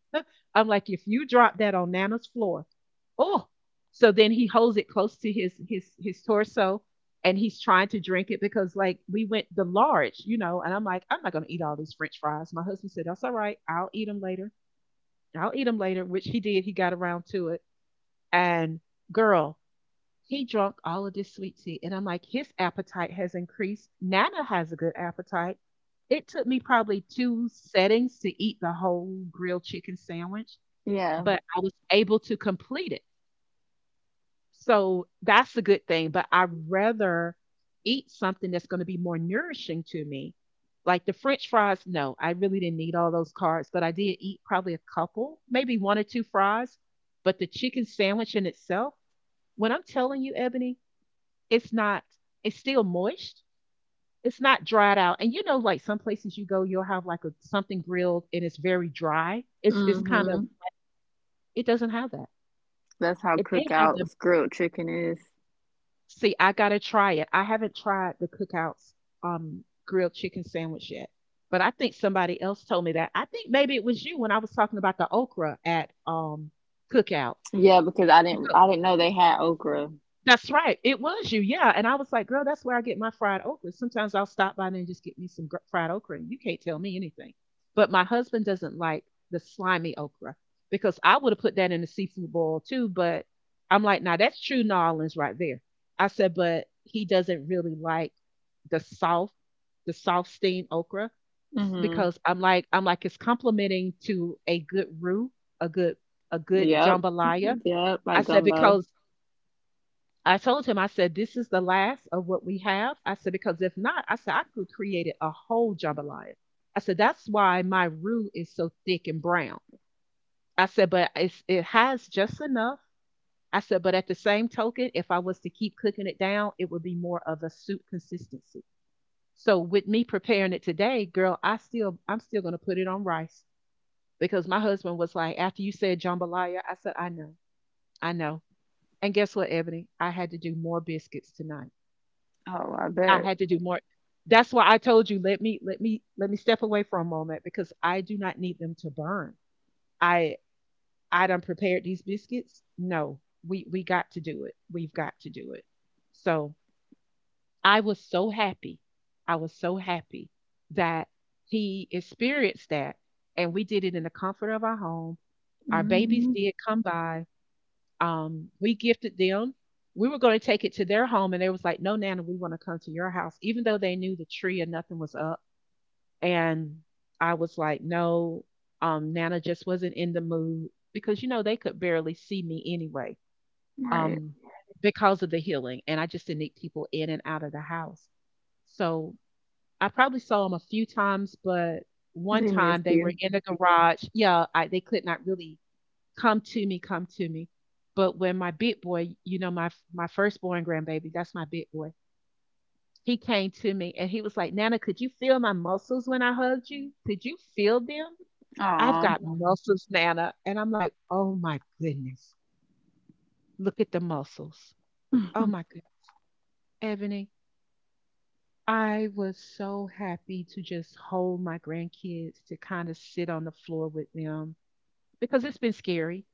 Speaker 1: I'm like, if you drop that on Nana's floor, oh. So then he holds it close to his his torso, and he's trying to drink it because like we went the large, you know. And I'm like, "I'm not gonna eat all these French fries." My husband said, "That's all right. I'll eat them later. I'll eat them later," which he did. He got around to it, and girl, he drunk all of this sweet tea. And I'm like, his appetite has increased. Nana has a good appetite. It took me probably two settings to eat the whole grilled chicken sandwich,
Speaker 2: Yeah.
Speaker 1: but I was able to complete it. So that's a good thing. But I'd rather eat something that's going to be more nourishing to me. Like the French fries, no, I really didn't need all those carbs, but I did eat probably a couple, maybe one or two fries. But the chicken sandwich in itself, when I'm telling you, Ebony, it's not— it's still moist. It's not dried out. And you know, like some places you go, you'll have like a, something grilled and it's very dry. It's kind of—
Speaker 2: Hmm.
Speaker 1: it doesn't have that.
Speaker 2: That's how
Speaker 1: If they have the—
Speaker 2: cookouts grilled chicken is.
Speaker 1: see, I gotta try it. I haven't tried the cookouts grilled chicken sandwich yet. But I think somebody else told me that. I think maybe it was you when I was talking about the okra at cookout.
Speaker 2: Yeah, because I didn't know they had okra.
Speaker 1: That's right. It was you. Yeah. And I was like, girl, that's where I get my fried okra. Sometimes I'll stop by there and just get me some fried okra, and you can't tell me anything. But my husband doesn't like the slimy okra, because I would have put that in the seafood boil too. But I'm like, now that's true New Orleans right there. I said, but he doesn't really like the soft, the soft steamed okra,
Speaker 2: Hmm.
Speaker 1: because I'm like, it's complimenting to a good roux, a good, a good
Speaker 2: Yep.
Speaker 1: jambalaya.
Speaker 2: Yep.
Speaker 1: I
Speaker 2: Like
Speaker 1: said,
Speaker 2: gumbo.
Speaker 1: because I told him, I said, "This is the last of what we have." I said, "Because if not," I said, "I could create it a whole jambalaya." I said, "That's why my roux is so thick and brown." I said, "But it's— it has just enough." I said, but at the same token, if I was to keep cooking it down, it would be more of a soup consistency. So with me preparing it today, girl, I'm still going to put it on rice because my husband was like, after you said jambalaya, I said, I know, I know. And guess what, Ebony? I had to do more biscuits tonight.
Speaker 2: Oh, I
Speaker 1: I
Speaker 2: bet.
Speaker 1: had to do more. That's why I told you, let me step away for a moment because I do not need them to burn. I I done prepared these biscuits. No, we got to do it. We've got to do it. So I was so happy. I was so happy that he experienced that, and we did it in the comfort of our home. Our babies
Speaker 2: Hmm.
Speaker 1: did come by, we gifted them. We were going to take it to their home, and they was like, "No, Nana, we want to come to your house," even though they knew the tree and nothing was up. And I was like, "No, Nana just wasn't in the mood because you know they could barely see me anyway,
Speaker 2: Right.
Speaker 1: um, because of the healing, and I just didn't need people in and out of the house." So I probably saw them a few times, but one
Speaker 2: They
Speaker 1: time
Speaker 2: missed
Speaker 1: they were
Speaker 2: you.
Speaker 1: in the garage. Yeah, I, they could not really come to me, come to me. But when my big boy, you know, my firstborn grandbaby, that's my big boy. He came to me and he was like, "Nana, could you feel my muscles when I hugged you? Could you feel them? I've
Speaker 2: Aw.
Speaker 1: got muscles, Nana." And I'm like, "Oh my goodness. Look at the muscles. Oh my goodness." Ebony, I was so happy to just hold my grandkids, to kind of sit on the floor with them because it's been scary,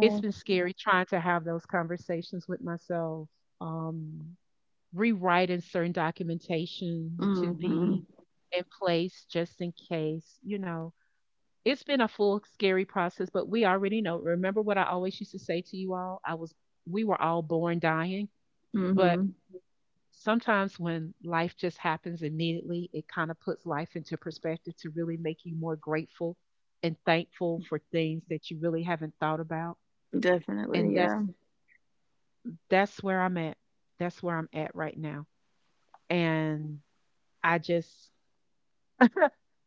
Speaker 1: it's been scary trying to have those conversations with myself, um, rewriting certain documentation to be
Speaker 2: Mm-hmm.
Speaker 1: in place just in case, you know. It's been a full scary process, but we already know. Remember what I always used to say to you all? I was We were all born dying, but
Speaker 2: Mm-hmm.
Speaker 1: sometimes when life just happens immediately, it kind of puts life into perspective to really make you more grateful and thankful for things that you really haven't thought about. And
Speaker 2: Definitely, yeah.
Speaker 1: that's where I'm at. That's where I'm at right now. And I just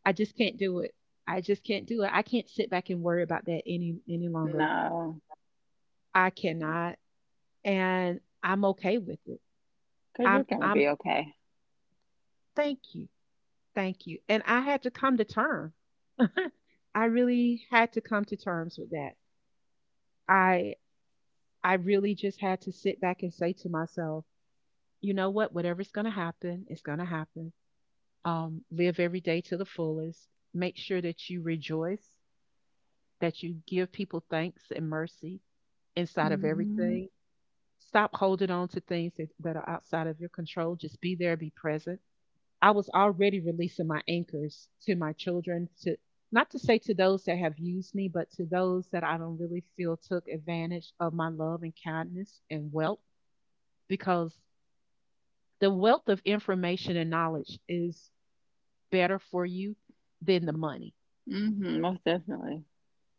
Speaker 1: I just can't do it. I just can't do it. I can't sit back and worry about that any longer.
Speaker 2: No.
Speaker 1: I cannot. And I'm okay with it.
Speaker 2: 'Cause you're gonna
Speaker 1: I'm
Speaker 2: be okay.
Speaker 1: Thank you. Thank you. And I had to come to terms. I really had to come to terms with that. I I really just had to sit back and say to myself, you know what, whatever's going to happen, it's going to happen. Live every day to the fullest. Make sure that you rejoice, that you give people thanks and mercy inside of
Speaker 2: Mm-hmm.
Speaker 1: everything. Stop holding on to things that are outside of your control. Just be there, be present. I was already releasing my anchors to my children, to not to say to those that have used me, but to those that I don't really feel took advantage of my love and kindness and wealth, because the wealth of information and knowledge is better for you than the money.
Speaker 2: Mm-hmm. Most definitely.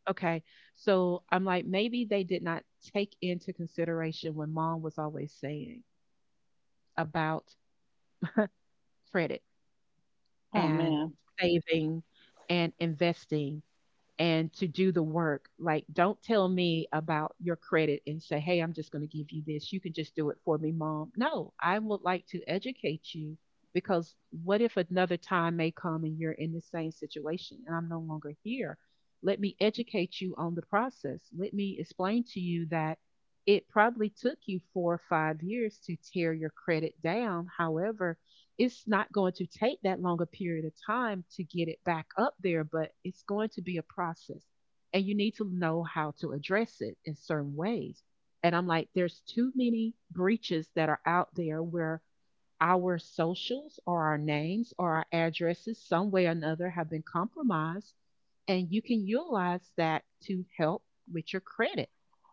Speaker 1: Okay. So I'm like, maybe they did not take into consideration when mom was always saying about credit
Speaker 2: Oh
Speaker 1: and
Speaker 2: man.
Speaker 1: saving and investing and to do the work. Like, don't tell me about your credit and say, "Hey, I'm just going to give you this. You can just do it for me, mom." No, I would like to educate you because what if another time may come and you're in the same situation and I'm no longer here? Let me educate you on the process. Let me explain to you that it probably took you 4 or 5 years to tear your credit down. However, it's not going to take that longer period of time to get it back up there, but it's going to be a process. And you need to know how to address it in certain ways. And I'm like, there's too many breaches that are out there where our socials or our names or our addresses, some way or another, have been compromised. And you can utilize that to help with your credit.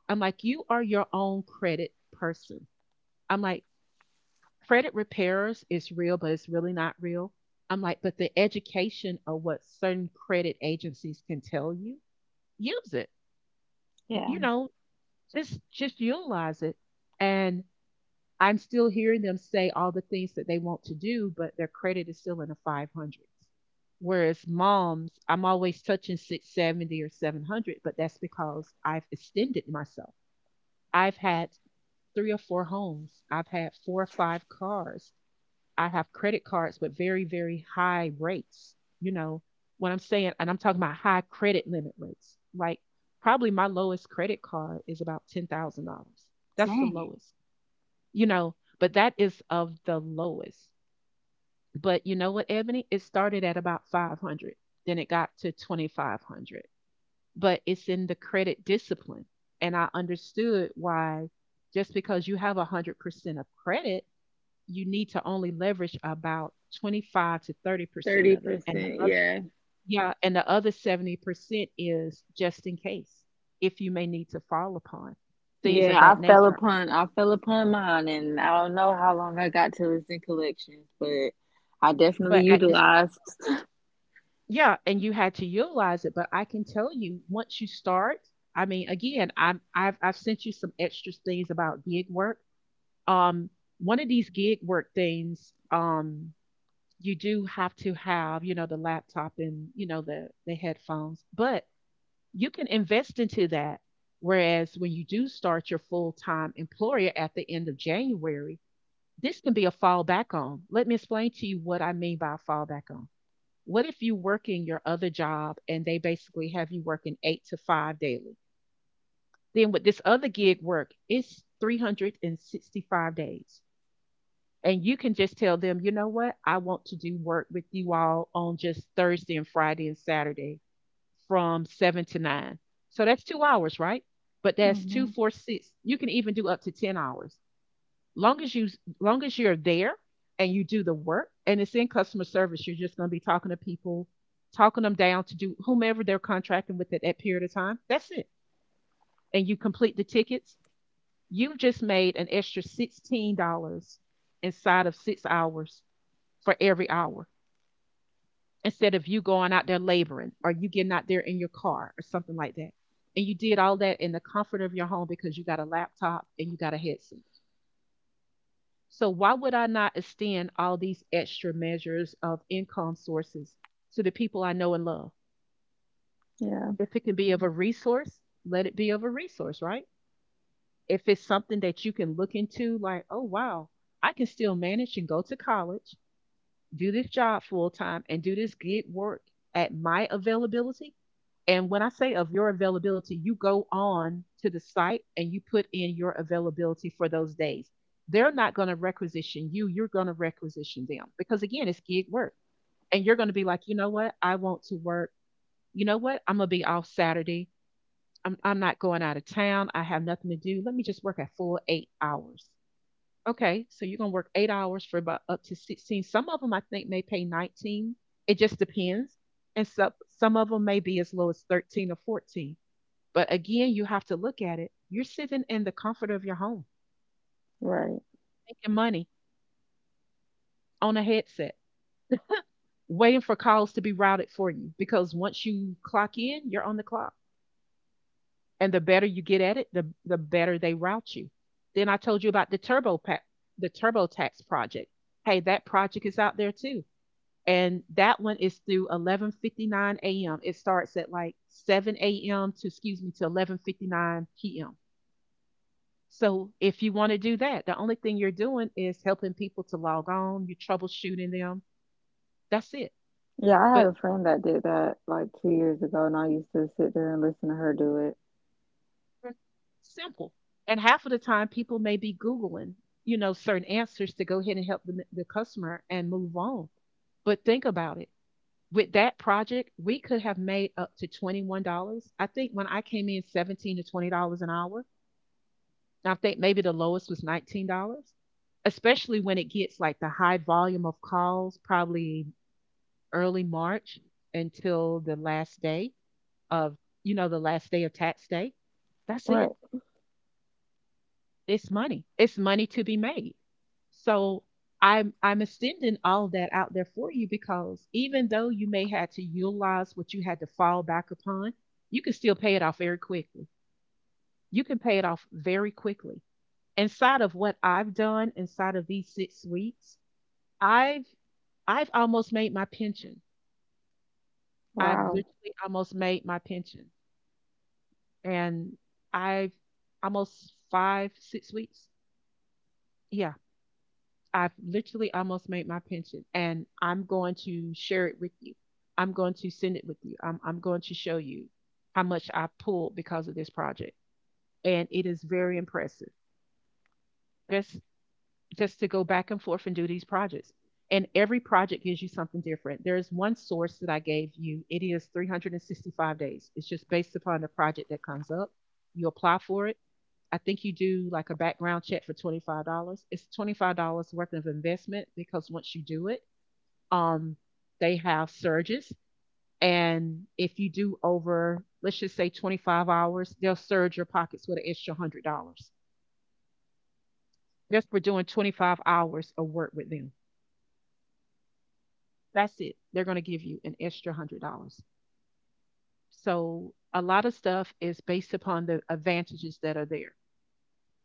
Speaker 1: I'm like, you are your own credit person. I'm like, credit repairs is real, but it's really not real. I'm like, but the education of what certain credit agencies can tell you, use it.
Speaker 2: Yeah.
Speaker 1: You know, just utilize it. And I'm still hearing them say all the things that they want to do, but their credit is still in the 500s. Whereas moms, I'm always touching 670 or 700, but that's because I've extended myself. I've had three or four homes. I've had four or five cars. I have credit cards with very, very high rates. You know what I'm saying, and I'm talking about high credit limit rates, like probably my lowest credit card is about $10,000. That's the
Speaker 2: Dang.
Speaker 1: lowest, you know, but that is of the lowest. But you know what, Ebony? It started at about 500, then it got to 2,500, but it's in the credit discipline. And I understood why just because you have 100% of credit you need to only leverage about 25 to 30%
Speaker 2: Thirty
Speaker 1: of it. And
Speaker 2: percent,
Speaker 1: the other,
Speaker 2: yeah.
Speaker 1: yeah, and the other 70% is just in case, if you may need to fall upon things of
Speaker 2: Yeah, I
Speaker 1: that
Speaker 2: fell
Speaker 1: nature.
Speaker 2: upon I fell upon mine and I don't know how long I got till it's in collections, but I definitely
Speaker 1: But at this,
Speaker 2: utilized
Speaker 1: yeah, and you had to utilize it. But I can tell you, once you start, I mean, again, I've sent you some extra things about gig work. Um, One of these gig work things, you do have to have, you know, the laptop and, you know, the headphones. But you can invest into that. Whereas when you do start your full time employer at the end of January, this can be a fallback on. Let me explain to you what I mean by a fallback on. What if you work in your other job and they basically have you working eight to five daily? Then with this other gig work, it's 365 days. And you can just tell them, you know what? I want to do work with you all on just Thursday and Friday and Saturday from seven to nine. So that's 2 hours, right? But that's two,
Speaker 2: hmm
Speaker 1: four, six. You can even do up to 10 hours. Long as you Long as you're there and you do the work and it's in customer service, you're just gonna be talking to people, talking them down to do whomever they're contracting with at that period of time. That's it. And you complete the tickets, you've just made an extra $16 inside of 6 hours for every hour, instead of you going out there laboring or you getting out there in your car or something like that. And you did all that in the comfort of your home because you got a laptop and you got a headset. So, why would I not extend all these extra measures of income sources to the people I know and love?
Speaker 2: yeah,
Speaker 1: If it can be of a resource, let it be of a resource, right? If it's something that you can look into, like, oh, wow, I can still manage and go to college, do this job full time and do this gig work at my availability. And when I say of your availability, you go on to the site and you put in your availability for those days. They're not going to requisition you, you're going to requisition them because, again, it's gig work. And you're going to be like, you know what? I want to work. You know what? I'm going to be off Saturday. I'm not going out of town. I have nothing to do. Let me just work a full 8 hours. Okay, so you're gonna work 8 hours for about up to 16. Some of them I think may pay 19. It just depends. And some of them may be as low as 13 or 14. But again, you have to look at it. You're sitting in the comfort of your home,
Speaker 2: right.
Speaker 1: making money on a headset, waiting for calls to be routed for you. Because once you clock in, you're on the clock. And the better you get at it, the better they route you. Then I told you about the turbo pack, the TurboTax project. Hey, that project is out there too and that one is through 11:59 a.m. It starts at like 7 a.m. to, excuse me, to 11:59 p.m. So if you want to do that, the only thing you're doing is helping people to log on, you're troubleshooting them. That's it.
Speaker 2: Yeah, I had
Speaker 1: But
Speaker 2: a friend that did that like 2 years ago and I used to sit there and listen to her do it.
Speaker 1: simple. And half of the time, people may be Googling, certain answers to go ahead and help the customer and move on. But think about it. With that project, we could have made up to $21. I think when I came in, 17 to $20 an hour. I think maybe the lowest was $19, especially when it gets like the high volume of calls, probably early March until the last day of the last day of tax day. That's
Speaker 2: Right.
Speaker 1: it. It's money. It's money to be made. So I'm extending all of that out there for you because even though you may had to utilize what you had to fall back upon, you can still pay it off very quickly. You can pay it off very quickly. Inside of what I've done inside of these 6 weeks, I've I've almost made my pension. I've
Speaker 2: Wow.
Speaker 1: literally almost made my pension. And I've almost five, 6 weeks. Yeah. I've literally almost made my pension. And I'm going to share it with you. I'm going to send it with you. I'm going to show you how much I pulled because of this project. And it is very impressive. Just just to go back and forth and do these projects. And every project gives you something different. There is one source that I gave you. It is 365 days. It's just based upon the project that comes up. You apply for it. I think you do like a background check for $25. It's $25 worth of investment because once you do it, um, they have surges. And if you do over, let's just say 25 hours, they'll surge your pockets with an extra $100 just for doing 25 hours of work with them. That's it. They're going to give you an extra $100. So a lot of stuff is based upon the advantages that are there.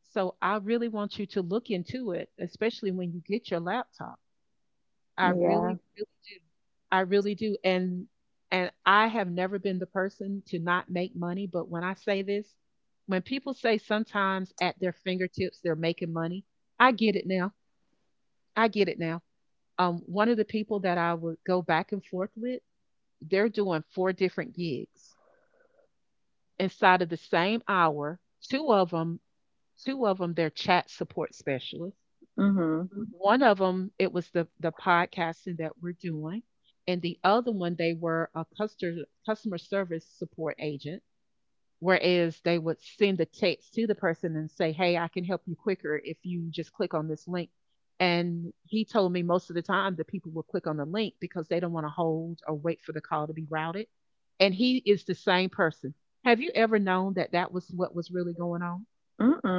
Speaker 1: So I really want you to look into it, especially when you get your laptop. I really,
Speaker 2: Yeah.
Speaker 1: really do. I really do. And I have never been the person to not make money, but when I say this, when people say sometimes at their fingertips they're making money, I get it now. I get it now. One of the people that I would go back and forth with, they're doing four different gigs inside of the same hour. Two of them, two of them, they're chat support specialists.
Speaker 2: Mm-hmm.
Speaker 1: Mm-hmm. One of them, it was the podcasting that we're doing, and the other one, they were a customer service support agent. Whereas they would send a text to the person and say, "Hey, I can help you quicker if you just click on this link." And he told me most of the time that people will click on the link because they don't want to hold or wait for the call to be routed. And he is the same person. Have you ever known that that was what was really going on?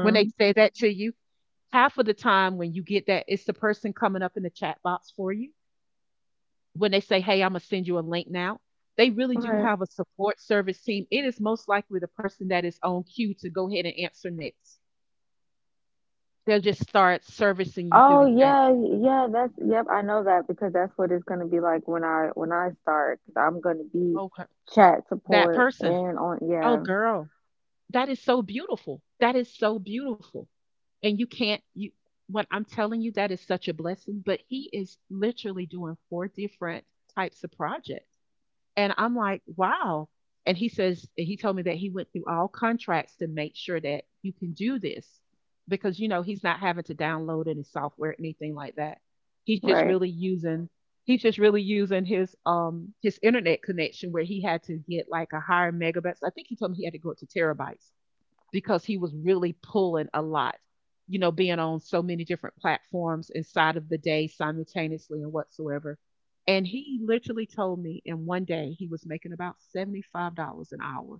Speaker 1: When they say that to you, half of the time when you get that, it's the person coming up in the chat box for you. When they say, "Hey, Imma send you a link now," they really do
Speaker 2: Right.
Speaker 1: have a support service team. It is most likely the person that is on queue to go ahead and answer next. They'll just start servicing you through
Speaker 2: Oh
Speaker 1: the chat.
Speaker 2: yeah, yeah, that's yep, I know that because that's what it's gonna be like when I start, 'cause I'm gonna be
Speaker 1: Okay.
Speaker 2: chat
Speaker 1: That
Speaker 2: support
Speaker 1: person.
Speaker 2: and on
Speaker 1: Oh,
Speaker 2: yeah,
Speaker 1: girl, that is so beautiful. That is so beautiful. And you can't you what I'm telling you, that is such a blessing, but he is literally doing 4 different types of projects. And I'm like, wow. And he told me that he went through all contracts to make sure that you can do this because, you know, he's not having to download any software, anything like that. He's just
Speaker 2: right.
Speaker 1: really using, he's just really using his internet connection where he had to get like a higher megabytes. I think he told me he had to go up to terabytes because he was really pulling a lot, you know, being on so many different platforms inside of the day simultaneously and whatsoever. And he literally told me in 1 day he was making about $75 an hour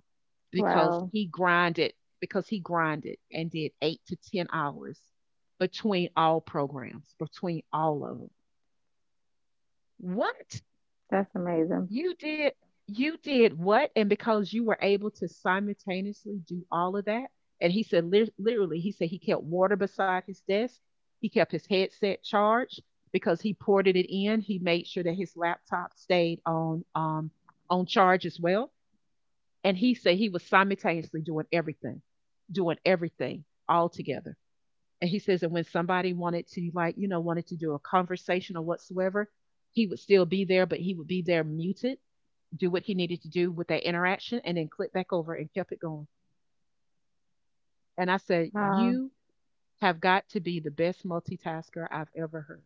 Speaker 1: because
Speaker 2: Wow.
Speaker 1: he grinded, because he grinded and did 8 to 10 hours between all programs, between all of them. What?
Speaker 2: That's amazing.
Speaker 1: You did you did what? And because you were able to simultaneously do all of that, and he said literally, he said he kept water beside his desk. He kept his headset charged because he ported it in. He made sure that his laptop stayed on charge as well. And he said he was simultaneously doing everything all together. And he says, and when somebody wanted to like, you know, wanted to do a conversation or whatsoever, he would still be there, but he would be there muted, do what he needed to do with that interaction and then clicked back over and kept it going. And I said,
Speaker 2: Wow.
Speaker 1: "You have got to be the best multitasker I've ever heard."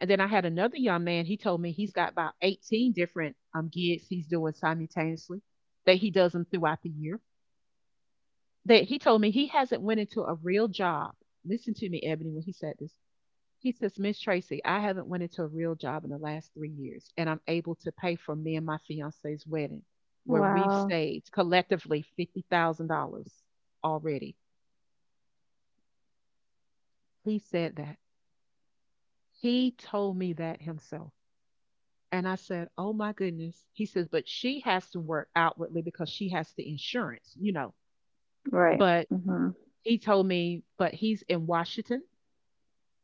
Speaker 1: And then I had another young man, he told me he's got about 18 different gigs he's doing simultaneously, that he does them throughout the year. That he told me he hasn't went into a real job. Listen to me, Ebony, when he said this. He says, "Miss Tracy, I haven't went into a real job in the last 3 years, and I'm able to pay for me and my fiance's wedding, where we've
Speaker 2: Wow.
Speaker 1: saved collectively $50,000 already." He said that. He told me that himself. And I said, "Oh my goodness." He says, "But she has to work outwardly because she has the insurance, you know."
Speaker 2: Right.
Speaker 1: But
Speaker 2: Mm-hmm.
Speaker 1: he told me, but he's in Washington.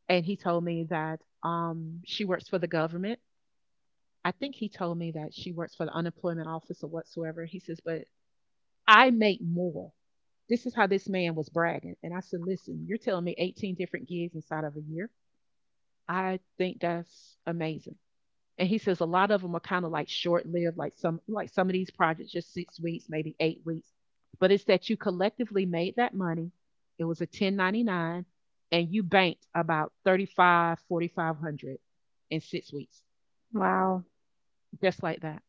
Speaker 1: And he told me that she works for the government. I think he told me that she works for the unemployment office or whatsoever. He says, "But I make more." This is how this man was bragging. And I said, "Listen, you're telling me 18 different gigs inside of a year. I think that's amazing." And he says a lot of them are kind of like short lived, like some of these projects just 6 weeks, maybe 8 weeks. But it's that you collectively made that money. It was a 1099 and you banked about 35, 4500 in 6 weeks,
Speaker 2: Wow.
Speaker 1: just like that.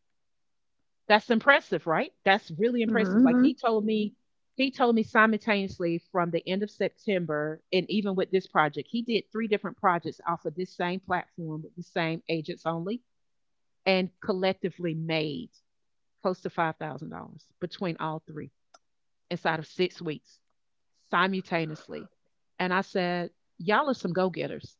Speaker 1: That's impressive, right? That's really impressive.
Speaker 2: Mm-hmm.
Speaker 1: He told me simultaneously from the end of September, and even with this project, he did three different projects off of this same platform with the same agents only, and collectively made close to $5,000 between all three inside of 6 weeks simultaneously. And I said, "Y'all are some go getters,"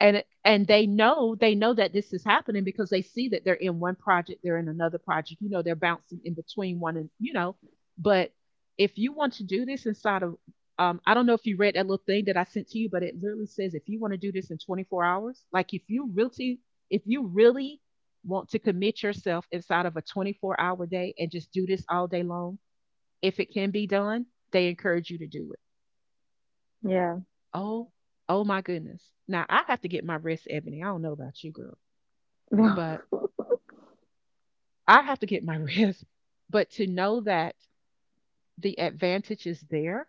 Speaker 1: and they know, that this is happening because they see that they're in one project, they're in another project, you know, they're bouncing in between one, and you know, but if you want to do this inside of, I don't know if you read that little thing that I sent to you, but it literally says if you want to do this in 24 hours, like if you really, if you really want to commit yourself inside of a 24-hour day and just do this all day long, if it can be done, they encourage you to do it.
Speaker 2: Yeah.
Speaker 1: Oh, oh my goodness, now I have to get my rest, Ebony. I don't know about you, girl, but I have to get my rest. But to know that the advantage is there,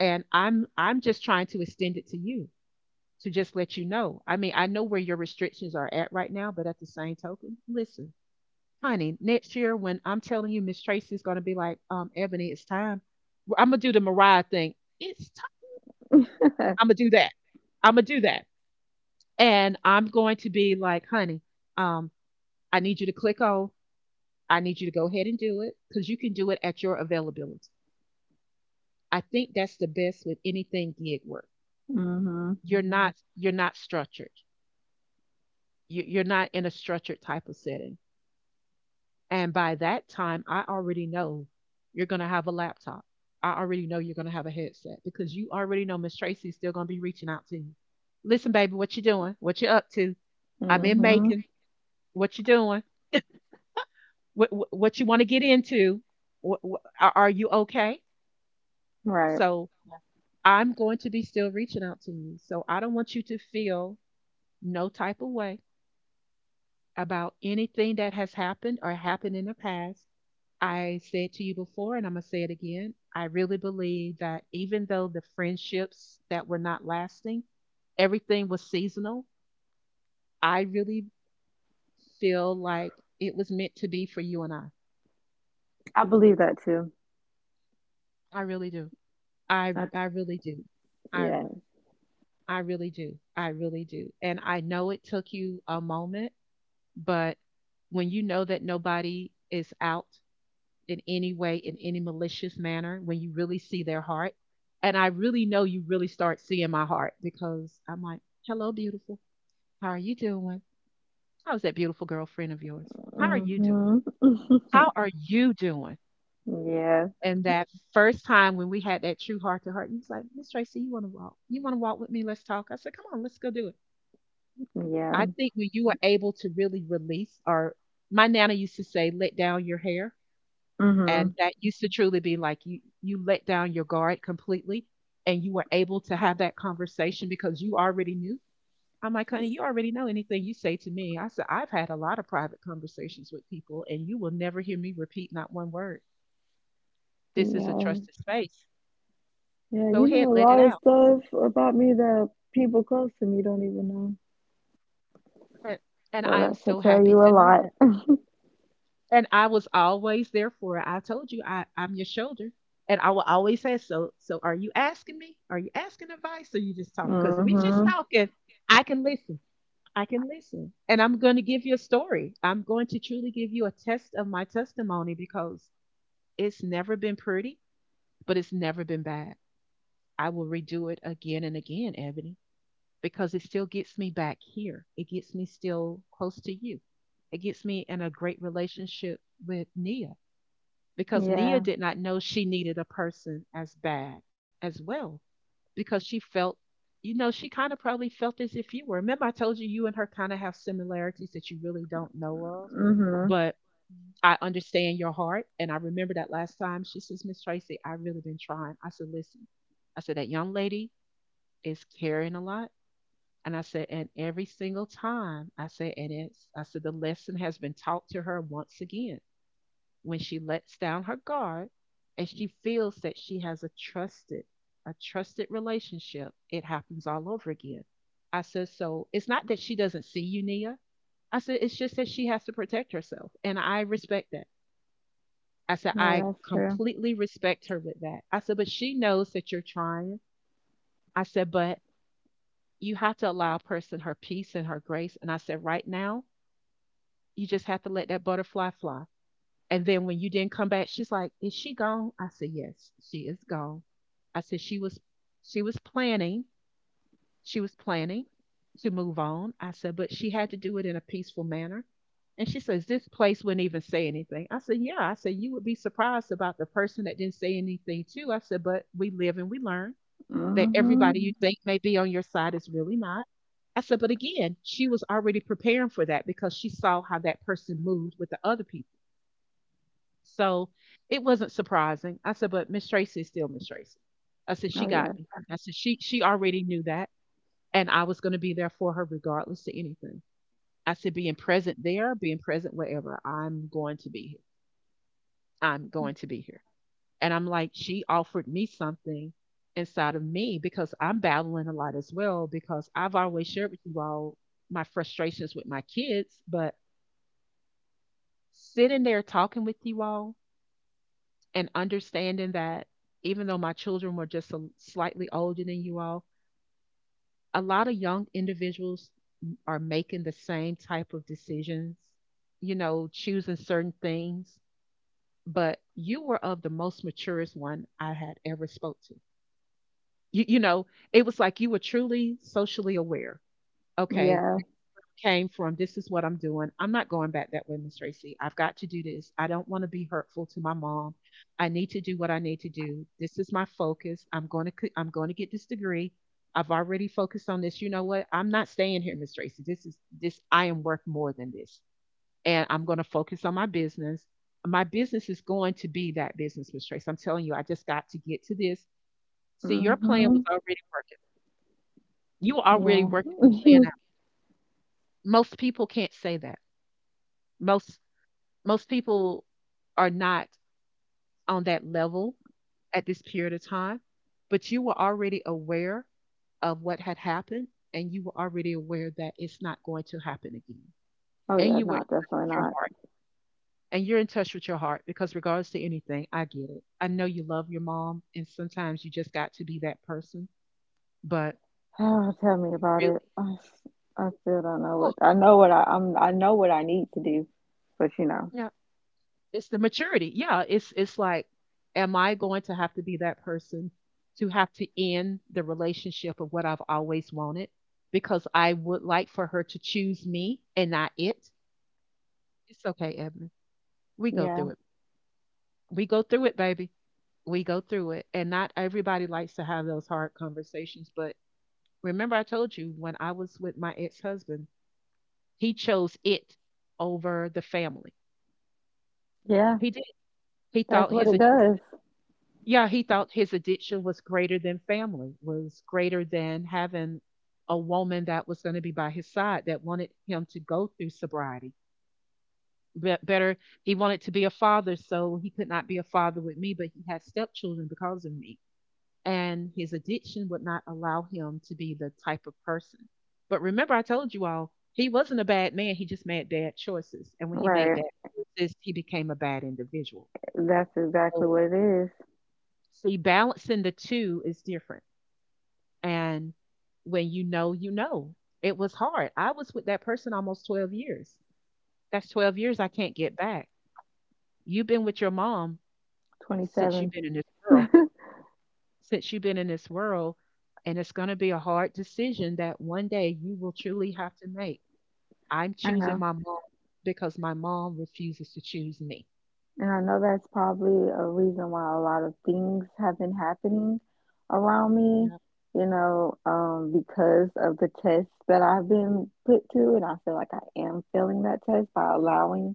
Speaker 1: and I'm just trying to extend it to you to just let you know. I mean, I know where your restrictions are at right now, but at the same token, listen, honey, next year when I'm telling you, Miss Tracy's gonna be like, "Ebony, it's time." Well, I'm gonna do the Mariah thing. "It's time." I'm gonna do that. I'm gonna do that. And I'm going to be like, "Honey, um, I need you to click on. I need you to go ahead and do it because you can do it at your availability." I think that's the best with anything gig work.
Speaker 2: Mm-hmm.
Speaker 1: You're Mm-hmm. not, you're not structured. You're not in a structured type of setting. And by that time, I already know you're gonna have a laptop. I already know you're gonna have a headset because you already know Miss Tracy's still gonna be reaching out to you. "Listen, baby, what you doing? What you up to? I'm in
Speaker 2: Mm-hmm.
Speaker 1: Macon. What you doing? What you want to get into? What, are you okay?"
Speaker 2: Right.
Speaker 1: So I'm going to be still reaching out to you. So I don't want you to feel no type of way about anything that has happened or happened in the past. I said to you before, and I'm going to say it again. I really believe that even though the friendships that were not lasting, everything was seasonal. I really feel like it was meant to be for you and I.
Speaker 2: I believe that too.
Speaker 1: I really do. I
Speaker 2: I,
Speaker 1: I really do. I
Speaker 2: yeah.
Speaker 1: I really do. I really do. And I know it took you a moment, but when you know that nobody is out in any way, in any malicious manner, when you really see their heart. And I really know you really start seeing my heart because I'm like, hello, beautiful. How are you doing? How's that beautiful girlfriend of yours? How are you doing?
Speaker 2: Mm-hmm.
Speaker 1: How are you doing?
Speaker 2: Yeah,
Speaker 1: And that first time when we had that true heart to heart, he was like, Miss Tracy, you want to walk? You want to walk with me? Let's talk. I said, come on, let's go do it.
Speaker 2: yeah.
Speaker 1: I think when you are able to really release, or my nana used to say, let down your hair. And
Speaker 2: Mm-hmm.
Speaker 1: that used to truly be like you let down your guard completely and you were able to have that conversation because you already knew. I'm like, honey, you already know anything you say to me. I said, I've had a lot of private conversations with people, and you will never hear me repeat not one word. This is a
Speaker 2: Yeah,
Speaker 1: trusted space.
Speaker 2: yeah.
Speaker 1: Go
Speaker 2: You
Speaker 1: ahead,
Speaker 2: know a
Speaker 1: let it
Speaker 2: lot of
Speaker 1: out.
Speaker 2: stuff about me that people close to me don't even know.
Speaker 1: And and
Speaker 2: So
Speaker 1: I am
Speaker 2: that should
Speaker 1: so
Speaker 2: tell
Speaker 1: happy
Speaker 2: you a
Speaker 1: to know
Speaker 2: lot.
Speaker 1: that. And I was always there for her. I told you I'm your shoulder. And I will always say, so are you asking me? Are you asking advice or you just talk? Because we just
Speaker 2: Mm-hmm.
Speaker 1: talking. I can listen. I can listen. And I'm gonna give you a story. I'm going to truly give you a test of my testimony because it's never been pretty, but it's never been bad. I will redo it again and again, Ebony, because it still gets me back here. It gets me still close to you. It gets me in a great relationship with Nia because Nia
Speaker 2: Yeah.
Speaker 1: did not know she needed a person as bad as well because she felt, she kind of probably felt as if you were. Remember, I told you you and her kind of have similarities that you really don't know of,
Speaker 2: Mm-hmm.
Speaker 1: but I understand your heart. And I remember that last time she says, Miss Tracy, I've really been trying. I said, listen, I said, that young lady is carrying a lot. And I said, and every single time I said, and it's, I said, the lesson has been taught to her once again when she lets down her guard and she feels that she has a trusted relationship, it happens all over again. I said, so it's not that she doesn't see you, Nia. I said, it's just that she has to protect herself, and I respect that. I said,
Speaker 2: Yeah,
Speaker 1: I
Speaker 2: that's true.
Speaker 1: completely respect her with that. I said, but she knows that you're trying. I said, but you have to allow a person her peace and her grace. And I said, right now you just have to let that butterfly fly. And then when you didn't come back, she's like, "Is she gone?" I said, "Yes, she is gone." I said she was planning, she was planning to move on. I said, "But she had to do it in a peaceful manner." And she says, "This place wouldn't even say anything." I said, "Yeah." I said, "You would be surprised about the person that didn't say anything too." I said, "But we live and we learn that
Speaker 2: Mm-hmm.
Speaker 1: everybody you Mhm. think may be on your side is really not." I said, "But again, she was already preparing for that because she saw how that person moved with the other people." So it wasn't surprising. I said, but Miss Tracy is still Miss Tracy. I said, she
Speaker 2: Oh
Speaker 1: got
Speaker 2: yeah.
Speaker 1: me. I said, she already knew that. And I was gonna be there for her regardless to anything. I said, being present there, being present wherever, I'm going to be here. I'm going to be here. And I'm like, she offered me something inside of me because I'm battling a lot as well, because I've always shared with you all my frustrations with my kids, but sitting there talking with you all and understanding that even though my children were just slightly older than you all, a lot of young individuals are making the same type of decisions, choosing certain things. But you were of the most maturest one I had ever spoke to. You know, it was like you were truly socially aware. Okay,
Speaker 2: Yeah.
Speaker 1: came from. This is what I'm doing. I'm not going back that way, Miss Tracy. I've got to do this. I don't want to be hurtful to my mom. I need to do what I need to do. This is my focus. I'm going to get this degree. I've already focused on this. You know what? I'm not staying here, Miss Tracy. This I am worth more than this. And I'm going to focus on my business. My business is going to be that business, Miss Tracy. I'm telling you, I just got to get to this. See, your plan
Speaker 2: Mm-hmm.
Speaker 1: was already working. You were already
Speaker 2: Yeah.
Speaker 1: working the plan out. Most people can't say that. most Most people are not on that level at this period of time, but you were already aware of what had happened and you were already aware that it's not going to happen again.
Speaker 2: Oh
Speaker 1: And
Speaker 2: yeah,
Speaker 1: you were in
Speaker 2: not
Speaker 1: touch
Speaker 2: definitely
Speaker 1: with your
Speaker 2: not.
Speaker 1: heart. And you're in touch with your heart because regardless to anything, I get it. I know you love your mom and sometimes you just got to be that person, but
Speaker 2: Oh, tell me about
Speaker 1: really,
Speaker 2: it. I still don't know
Speaker 1: oh,
Speaker 2: what I know what I need to do, but you know,
Speaker 1: yeah, it's the maturity. Yeah, it's like, am I going to have to be that person to have to end the relationship of what I've always wanted because I would like for her to choose me and not it? It's okay, Ebony. We go
Speaker 2: yeah,
Speaker 1: through it. We go through it, baby. We go through it. And not everybody likes to have those hard conversations. But remember, I told you when I was with my ex husband, he chose it over the family.
Speaker 2: yeah,
Speaker 1: He did. He
Speaker 2: that's
Speaker 1: thought
Speaker 2: what
Speaker 1: his
Speaker 2: it does.
Speaker 1: addiction. Yeah, he thought his addiction was greater than family, was greater than having a woman that was going to be by his side that wanted him to go through sobriety. But better, he wanted to be a father, so he could not be a father with me, but he had stepchildren because of me. And his addiction would not allow him to be the type of person. But remember, I told you all, he wasn't a bad man. He just made bad choices. And when he made
Speaker 2: Right.
Speaker 1: bad choices, he became a bad individual.
Speaker 2: That's exactly
Speaker 1: So,
Speaker 2: what it is.
Speaker 1: see, balancing the two is different. And when you know, you know. It was hard. I was with that person almost 12 years. That's 12 years I can't get back. You've been with your mom since you've
Speaker 2: 27.
Speaker 1: been in this world, since you've been in this world. And it's going to be a hard decision that one day you will truly have to make. I'm
Speaker 2: I
Speaker 1: choosing
Speaker 2: know.
Speaker 1: my mom because my mom refuses to choose me.
Speaker 2: And I know that's probably a reason why a lot of things have been happening around me,
Speaker 1: Yeah.
Speaker 2: you know, because of the tests that I've been put to. And I feel like I am failing that test by allowing,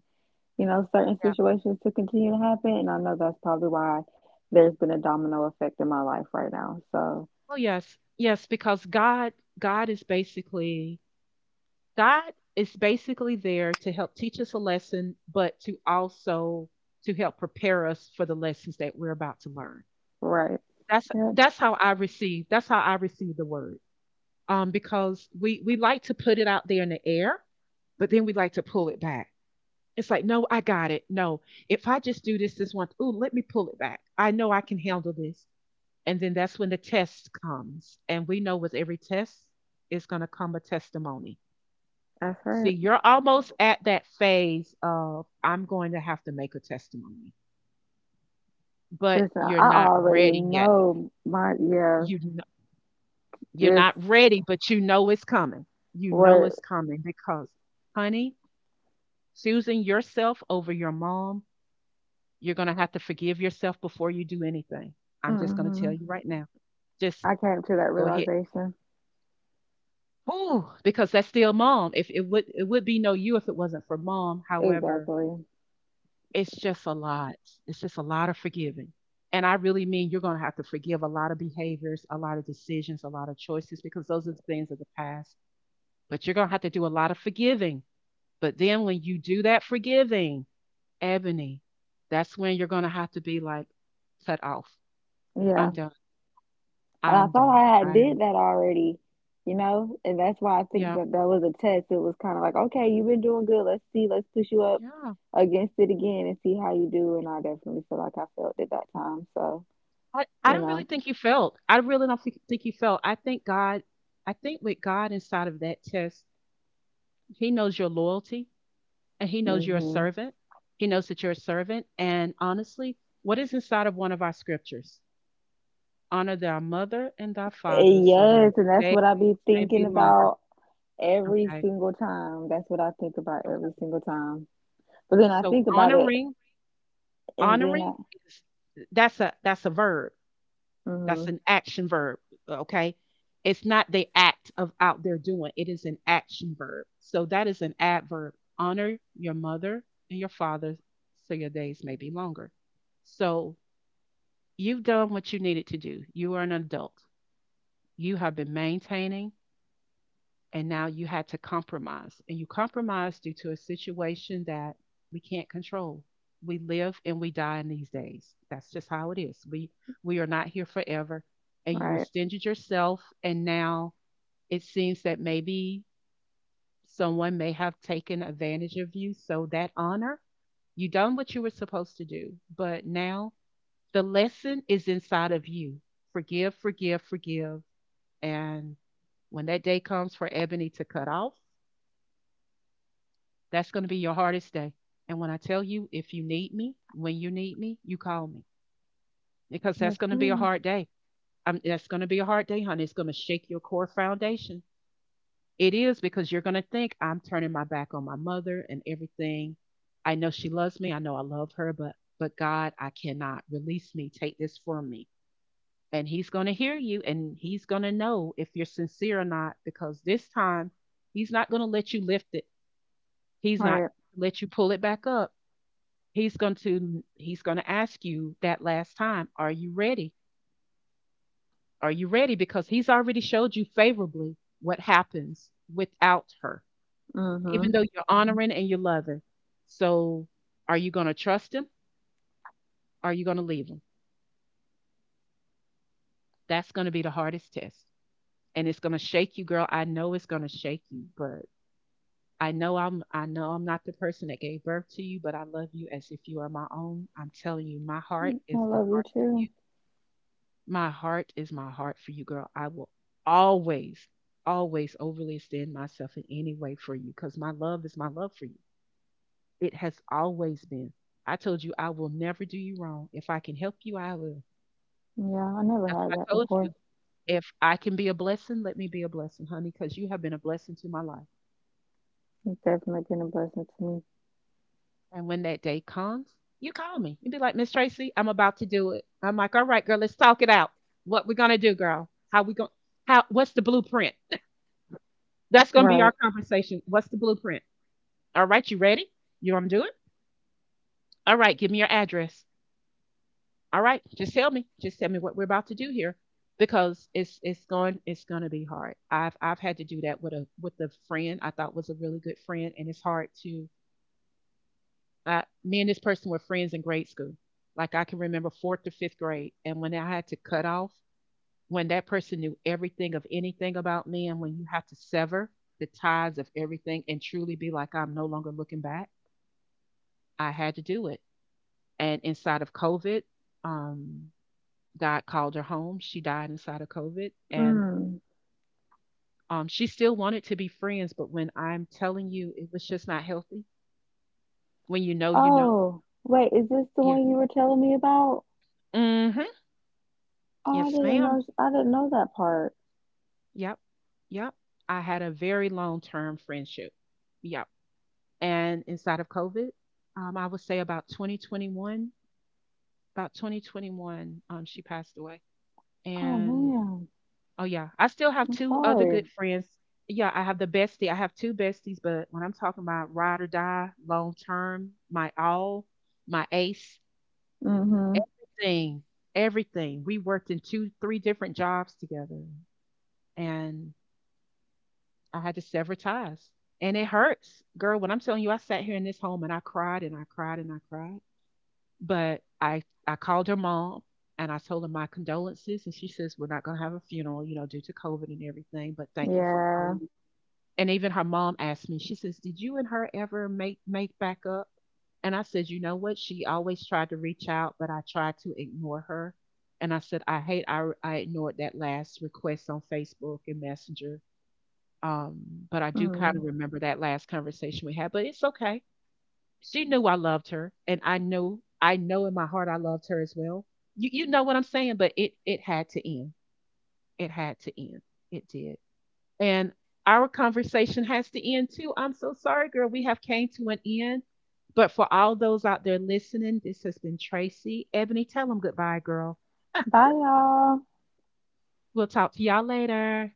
Speaker 2: you know, certain
Speaker 1: Yeah.
Speaker 2: situations to continue to happen. And I know that's probably why there's been a domino effect in my life right now. So,
Speaker 1: Oh, yes. Yes. Because God, God is basically God is basically there to help teach us a lesson, but to also to help prepare us for the lessons that we're about to learn.
Speaker 2: right. Yep.
Speaker 1: That's how I receive, that's how I receive the word. Because we like to put it out there in the air, but then we like to pull it back. It's like, no, I got it. No, if I just do this one, ooh, let me pull it back. I know I can handle this. And then that's when the test comes, and we know with every test is going to come a testimony.
Speaker 2: That's
Speaker 1: See,
Speaker 2: right.
Speaker 1: you're almost at that phase of I'm going to have to make a testimony, but
Speaker 2: Listen,
Speaker 1: you're
Speaker 2: I
Speaker 1: not
Speaker 2: already
Speaker 1: ready yet.
Speaker 2: know my, yeah.
Speaker 1: You kn- you're
Speaker 2: Just
Speaker 1: not ready, but you know it's coming. You know
Speaker 2: what
Speaker 1: it's coming because, honey, choosing yourself over your mom, you're gonna have to forgive yourself before you do anything. I'm just gonna tell
Speaker 2: hmm
Speaker 1: you right now. Just
Speaker 2: I came to that
Speaker 1: go ahead.
Speaker 2: realization.
Speaker 1: Oh, because that's still mom. If it would be no you if it wasn't for mom. However,
Speaker 2: Exactly.
Speaker 1: it's just a lot. It's just a lot of forgiving. And I really mean you're going to have to forgive a lot of behaviors, a lot of decisions, a lot of choices, because those are the things of the past. But you're going to have to do a lot of forgiving. But then when you do that forgiving, Ebony, that's when you're going to have to be like, cut off. I'm
Speaker 2: Yeah,
Speaker 1: done.
Speaker 2: and I
Speaker 1: I'm
Speaker 2: thought
Speaker 1: done.
Speaker 2: I had
Speaker 1: I,
Speaker 2: did that already, you know, and that's why I think
Speaker 1: yeah.
Speaker 2: that that was a test. It was kind of like, okay, you've been doing good. Let's see, let's push you up
Speaker 1: Yeah.
Speaker 2: against it again and see how you do. And I definitely feel like I felt at that time. So,
Speaker 1: I
Speaker 2: you
Speaker 1: don't really
Speaker 2: know,
Speaker 1: think you felt. I really don't think you felt. I think God, I think with God inside of that test, he knows your loyalty, and he knows you're a
Speaker 2: hmm
Speaker 1: servant. He knows that you're a servant. And honestly, what is inside of one of our scriptures? Honor thy mother and thy father so their
Speaker 2: yes, and that's
Speaker 1: days
Speaker 2: what I be
Speaker 1: may
Speaker 2: thinking
Speaker 1: be longer.
Speaker 2: about every
Speaker 1: Okay.
Speaker 2: single time. That's what I think about
Speaker 1: Okay.
Speaker 2: every single time. But then I
Speaker 1: So
Speaker 2: think about it,
Speaker 1: honoring,
Speaker 2: and then
Speaker 1: honoring is, that's a verb. That's
Speaker 2: mm-hmm.
Speaker 1: an action verb. Okay. It's not the act of out there doing. It is an action verb. So that is an adverb. Honor your mother and your father so your days may be longer. So you've done what you needed to do. You are an adult. You have been maintaining, and now you had to compromise. And you compromised due to a situation that we can't control. We live and we die in these days. That's just how it is. We are not here forever. And you
Speaker 2: Right.
Speaker 1: extended yourself, and now it seems that maybe someone may have taken advantage of you. So that honor, you done what you were supposed to do, but now the lesson is inside of you. Forgive, forgive, forgive. And when that day comes for Ebony to cut off, that's going to be your hardest day. And when I tell you, if you need me, when you need me, you call me because
Speaker 2: Yes,
Speaker 1: that's going to be a
Speaker 2: ma'am.
Speaker 1: hard day. That's going to be a hard day, honey. It's going to shake your core foundation. It is, because you're going to think I'm turning my back on my mother and everything. I know she loves me. I know I love her, but God, I cannot release me. Take this from me. And he's going to hear you, and he's going to know if you're sincere or not, because this time he's not going to let you lift it, he's not going
Speaker 2: Right.
Speaker 1: to let you pull it back up, he's going to ask you that last time, are you ready, are you ready, because he's already showed you favorably what happens without her,
Speaker 2: Mm-hmm.
Speaker 1: even though you're honoring and you're loving. So are you going to trust him? Or are you going to leave him? That's going to be the hardest test, and it's going to shake you, girl. I know it's going to shake you. But I know I'm not the person that gave birth to you, but I love you as if you are my own. I'm telling you, my heart
Speaker 2: I
Speaker 1: is my
Speaker 2: love you
Speaker 1: heart for
Speaker 2: too.
Speaker 1: you. My heart is my heart for you, girl. I will always, always overly extend myself in any way for you, because my love is my love for you. It has always been. I told you I will never do you wrong. If I can help you, I will.
Speaker 2: Yeah, I never
Speaker 1: That's why
Speaker 2: had
Speaker 1: I
Speaker 2: that
Speaker 1: told
Speaker 2: before.
Speaker 1: you. If I can be a blessing, let me be a blessing, honey, because you have been a blessing to my life.
Speaker 2: It's definitely been a blessing to me.
Speaker 1: And when that day comes, you call me. You be like, Miss Tracy, I'm about to do it. I'm like, all right, girl, let's talk it out. What we gonna do, girl? How we going how what's the blueprint? That's gonna be our
Speaker 2: Right.
Speaker 1: conversation. What's the blueprint? All right, you ready? You wanna do it? All right, give me your address. All right, just tell me. Just tell me what we're about to do here. Because it's gonna be hard. I've had to do that with a friend I thought was a really good friend, and it's hard to. Me and this person were friends in grade school. Like I can remember fourth to fifth grade. And when I had to cut off, when that person knew everything of anything about me, and when you have to sever the ties of everything and truly be like, I'm no longer looking back, I had to do it. And inside of COVID, um, God called her home. She died inside of COVID. And
Speaker 2: Mm.
Speaker 1: she still wanted to be friends, but when I'm telling you, it was just not healthy. When you know, you know.
Speaker 2: Oh, wait, is this the
Speaker 1: Yeah.
Speaker 2: one you were telling me about?
Speaker 1: Mm-hmm.
Speaker 2: Oh, I
Speaker 1: Yes,
Speaker 2: didn't
Speaker 1: ma'am.
Speaker 2: know. I didn't know that part.
Speaker 1: Yep. Yep. I had a very long term friendship. Yep. And inside of COVID, I would say about 2021, about 2021, she passed away.
Speaker 2: Oh
Speaker 1: And
Speaker 2: man,
Speaker 1: oh, yeah, I still have
Speaker 2: I'm
Speaker 1: two other
Speaker 2: sorry.
Speaker 1: good friends. Yeah, I have the bestie. I have two besties, but when I'm talking about ride or die, long term, my all, my ace,
Speaker 2: Mm-hmm.
Speaker 1: everything, everything, we worked in two, three different jobs together. And I had to sever ties. And it hurts. Girl, when I'm telling you, I sat here in this home and I cried and I cried and I cried. But I called her mom and I told her my condolences. And she says, we're not going to have a funeral, you know, due to COVID and everything, but thank you for calling
Speaker 2: Yeah.
Speaker 1: me. And even her mom asked me, she says, did you and her ever make back up? And I said, you know what? She always tried to reach out, but I tried to ignore her. And I said, I hate I ignored that last request on Facebook and Messenger, um, but I do kind of
Speaker 2: Mm.
Speaker 1: remember that last conversation we had, but it's okay. She knew I loved her, and I knew, I know in my heart I loved her as well. You know what I'm saying, but it had to end. It had to end. It did. And our conversation has to end too. I'm so sorry, girl. We have came to an end. But for all those out there listening, this has been Tracy. Ebony, tell them goodbye, girl.
Speaker 2: Bye, y'all.
Speaker 1: We'll talk to y'all later.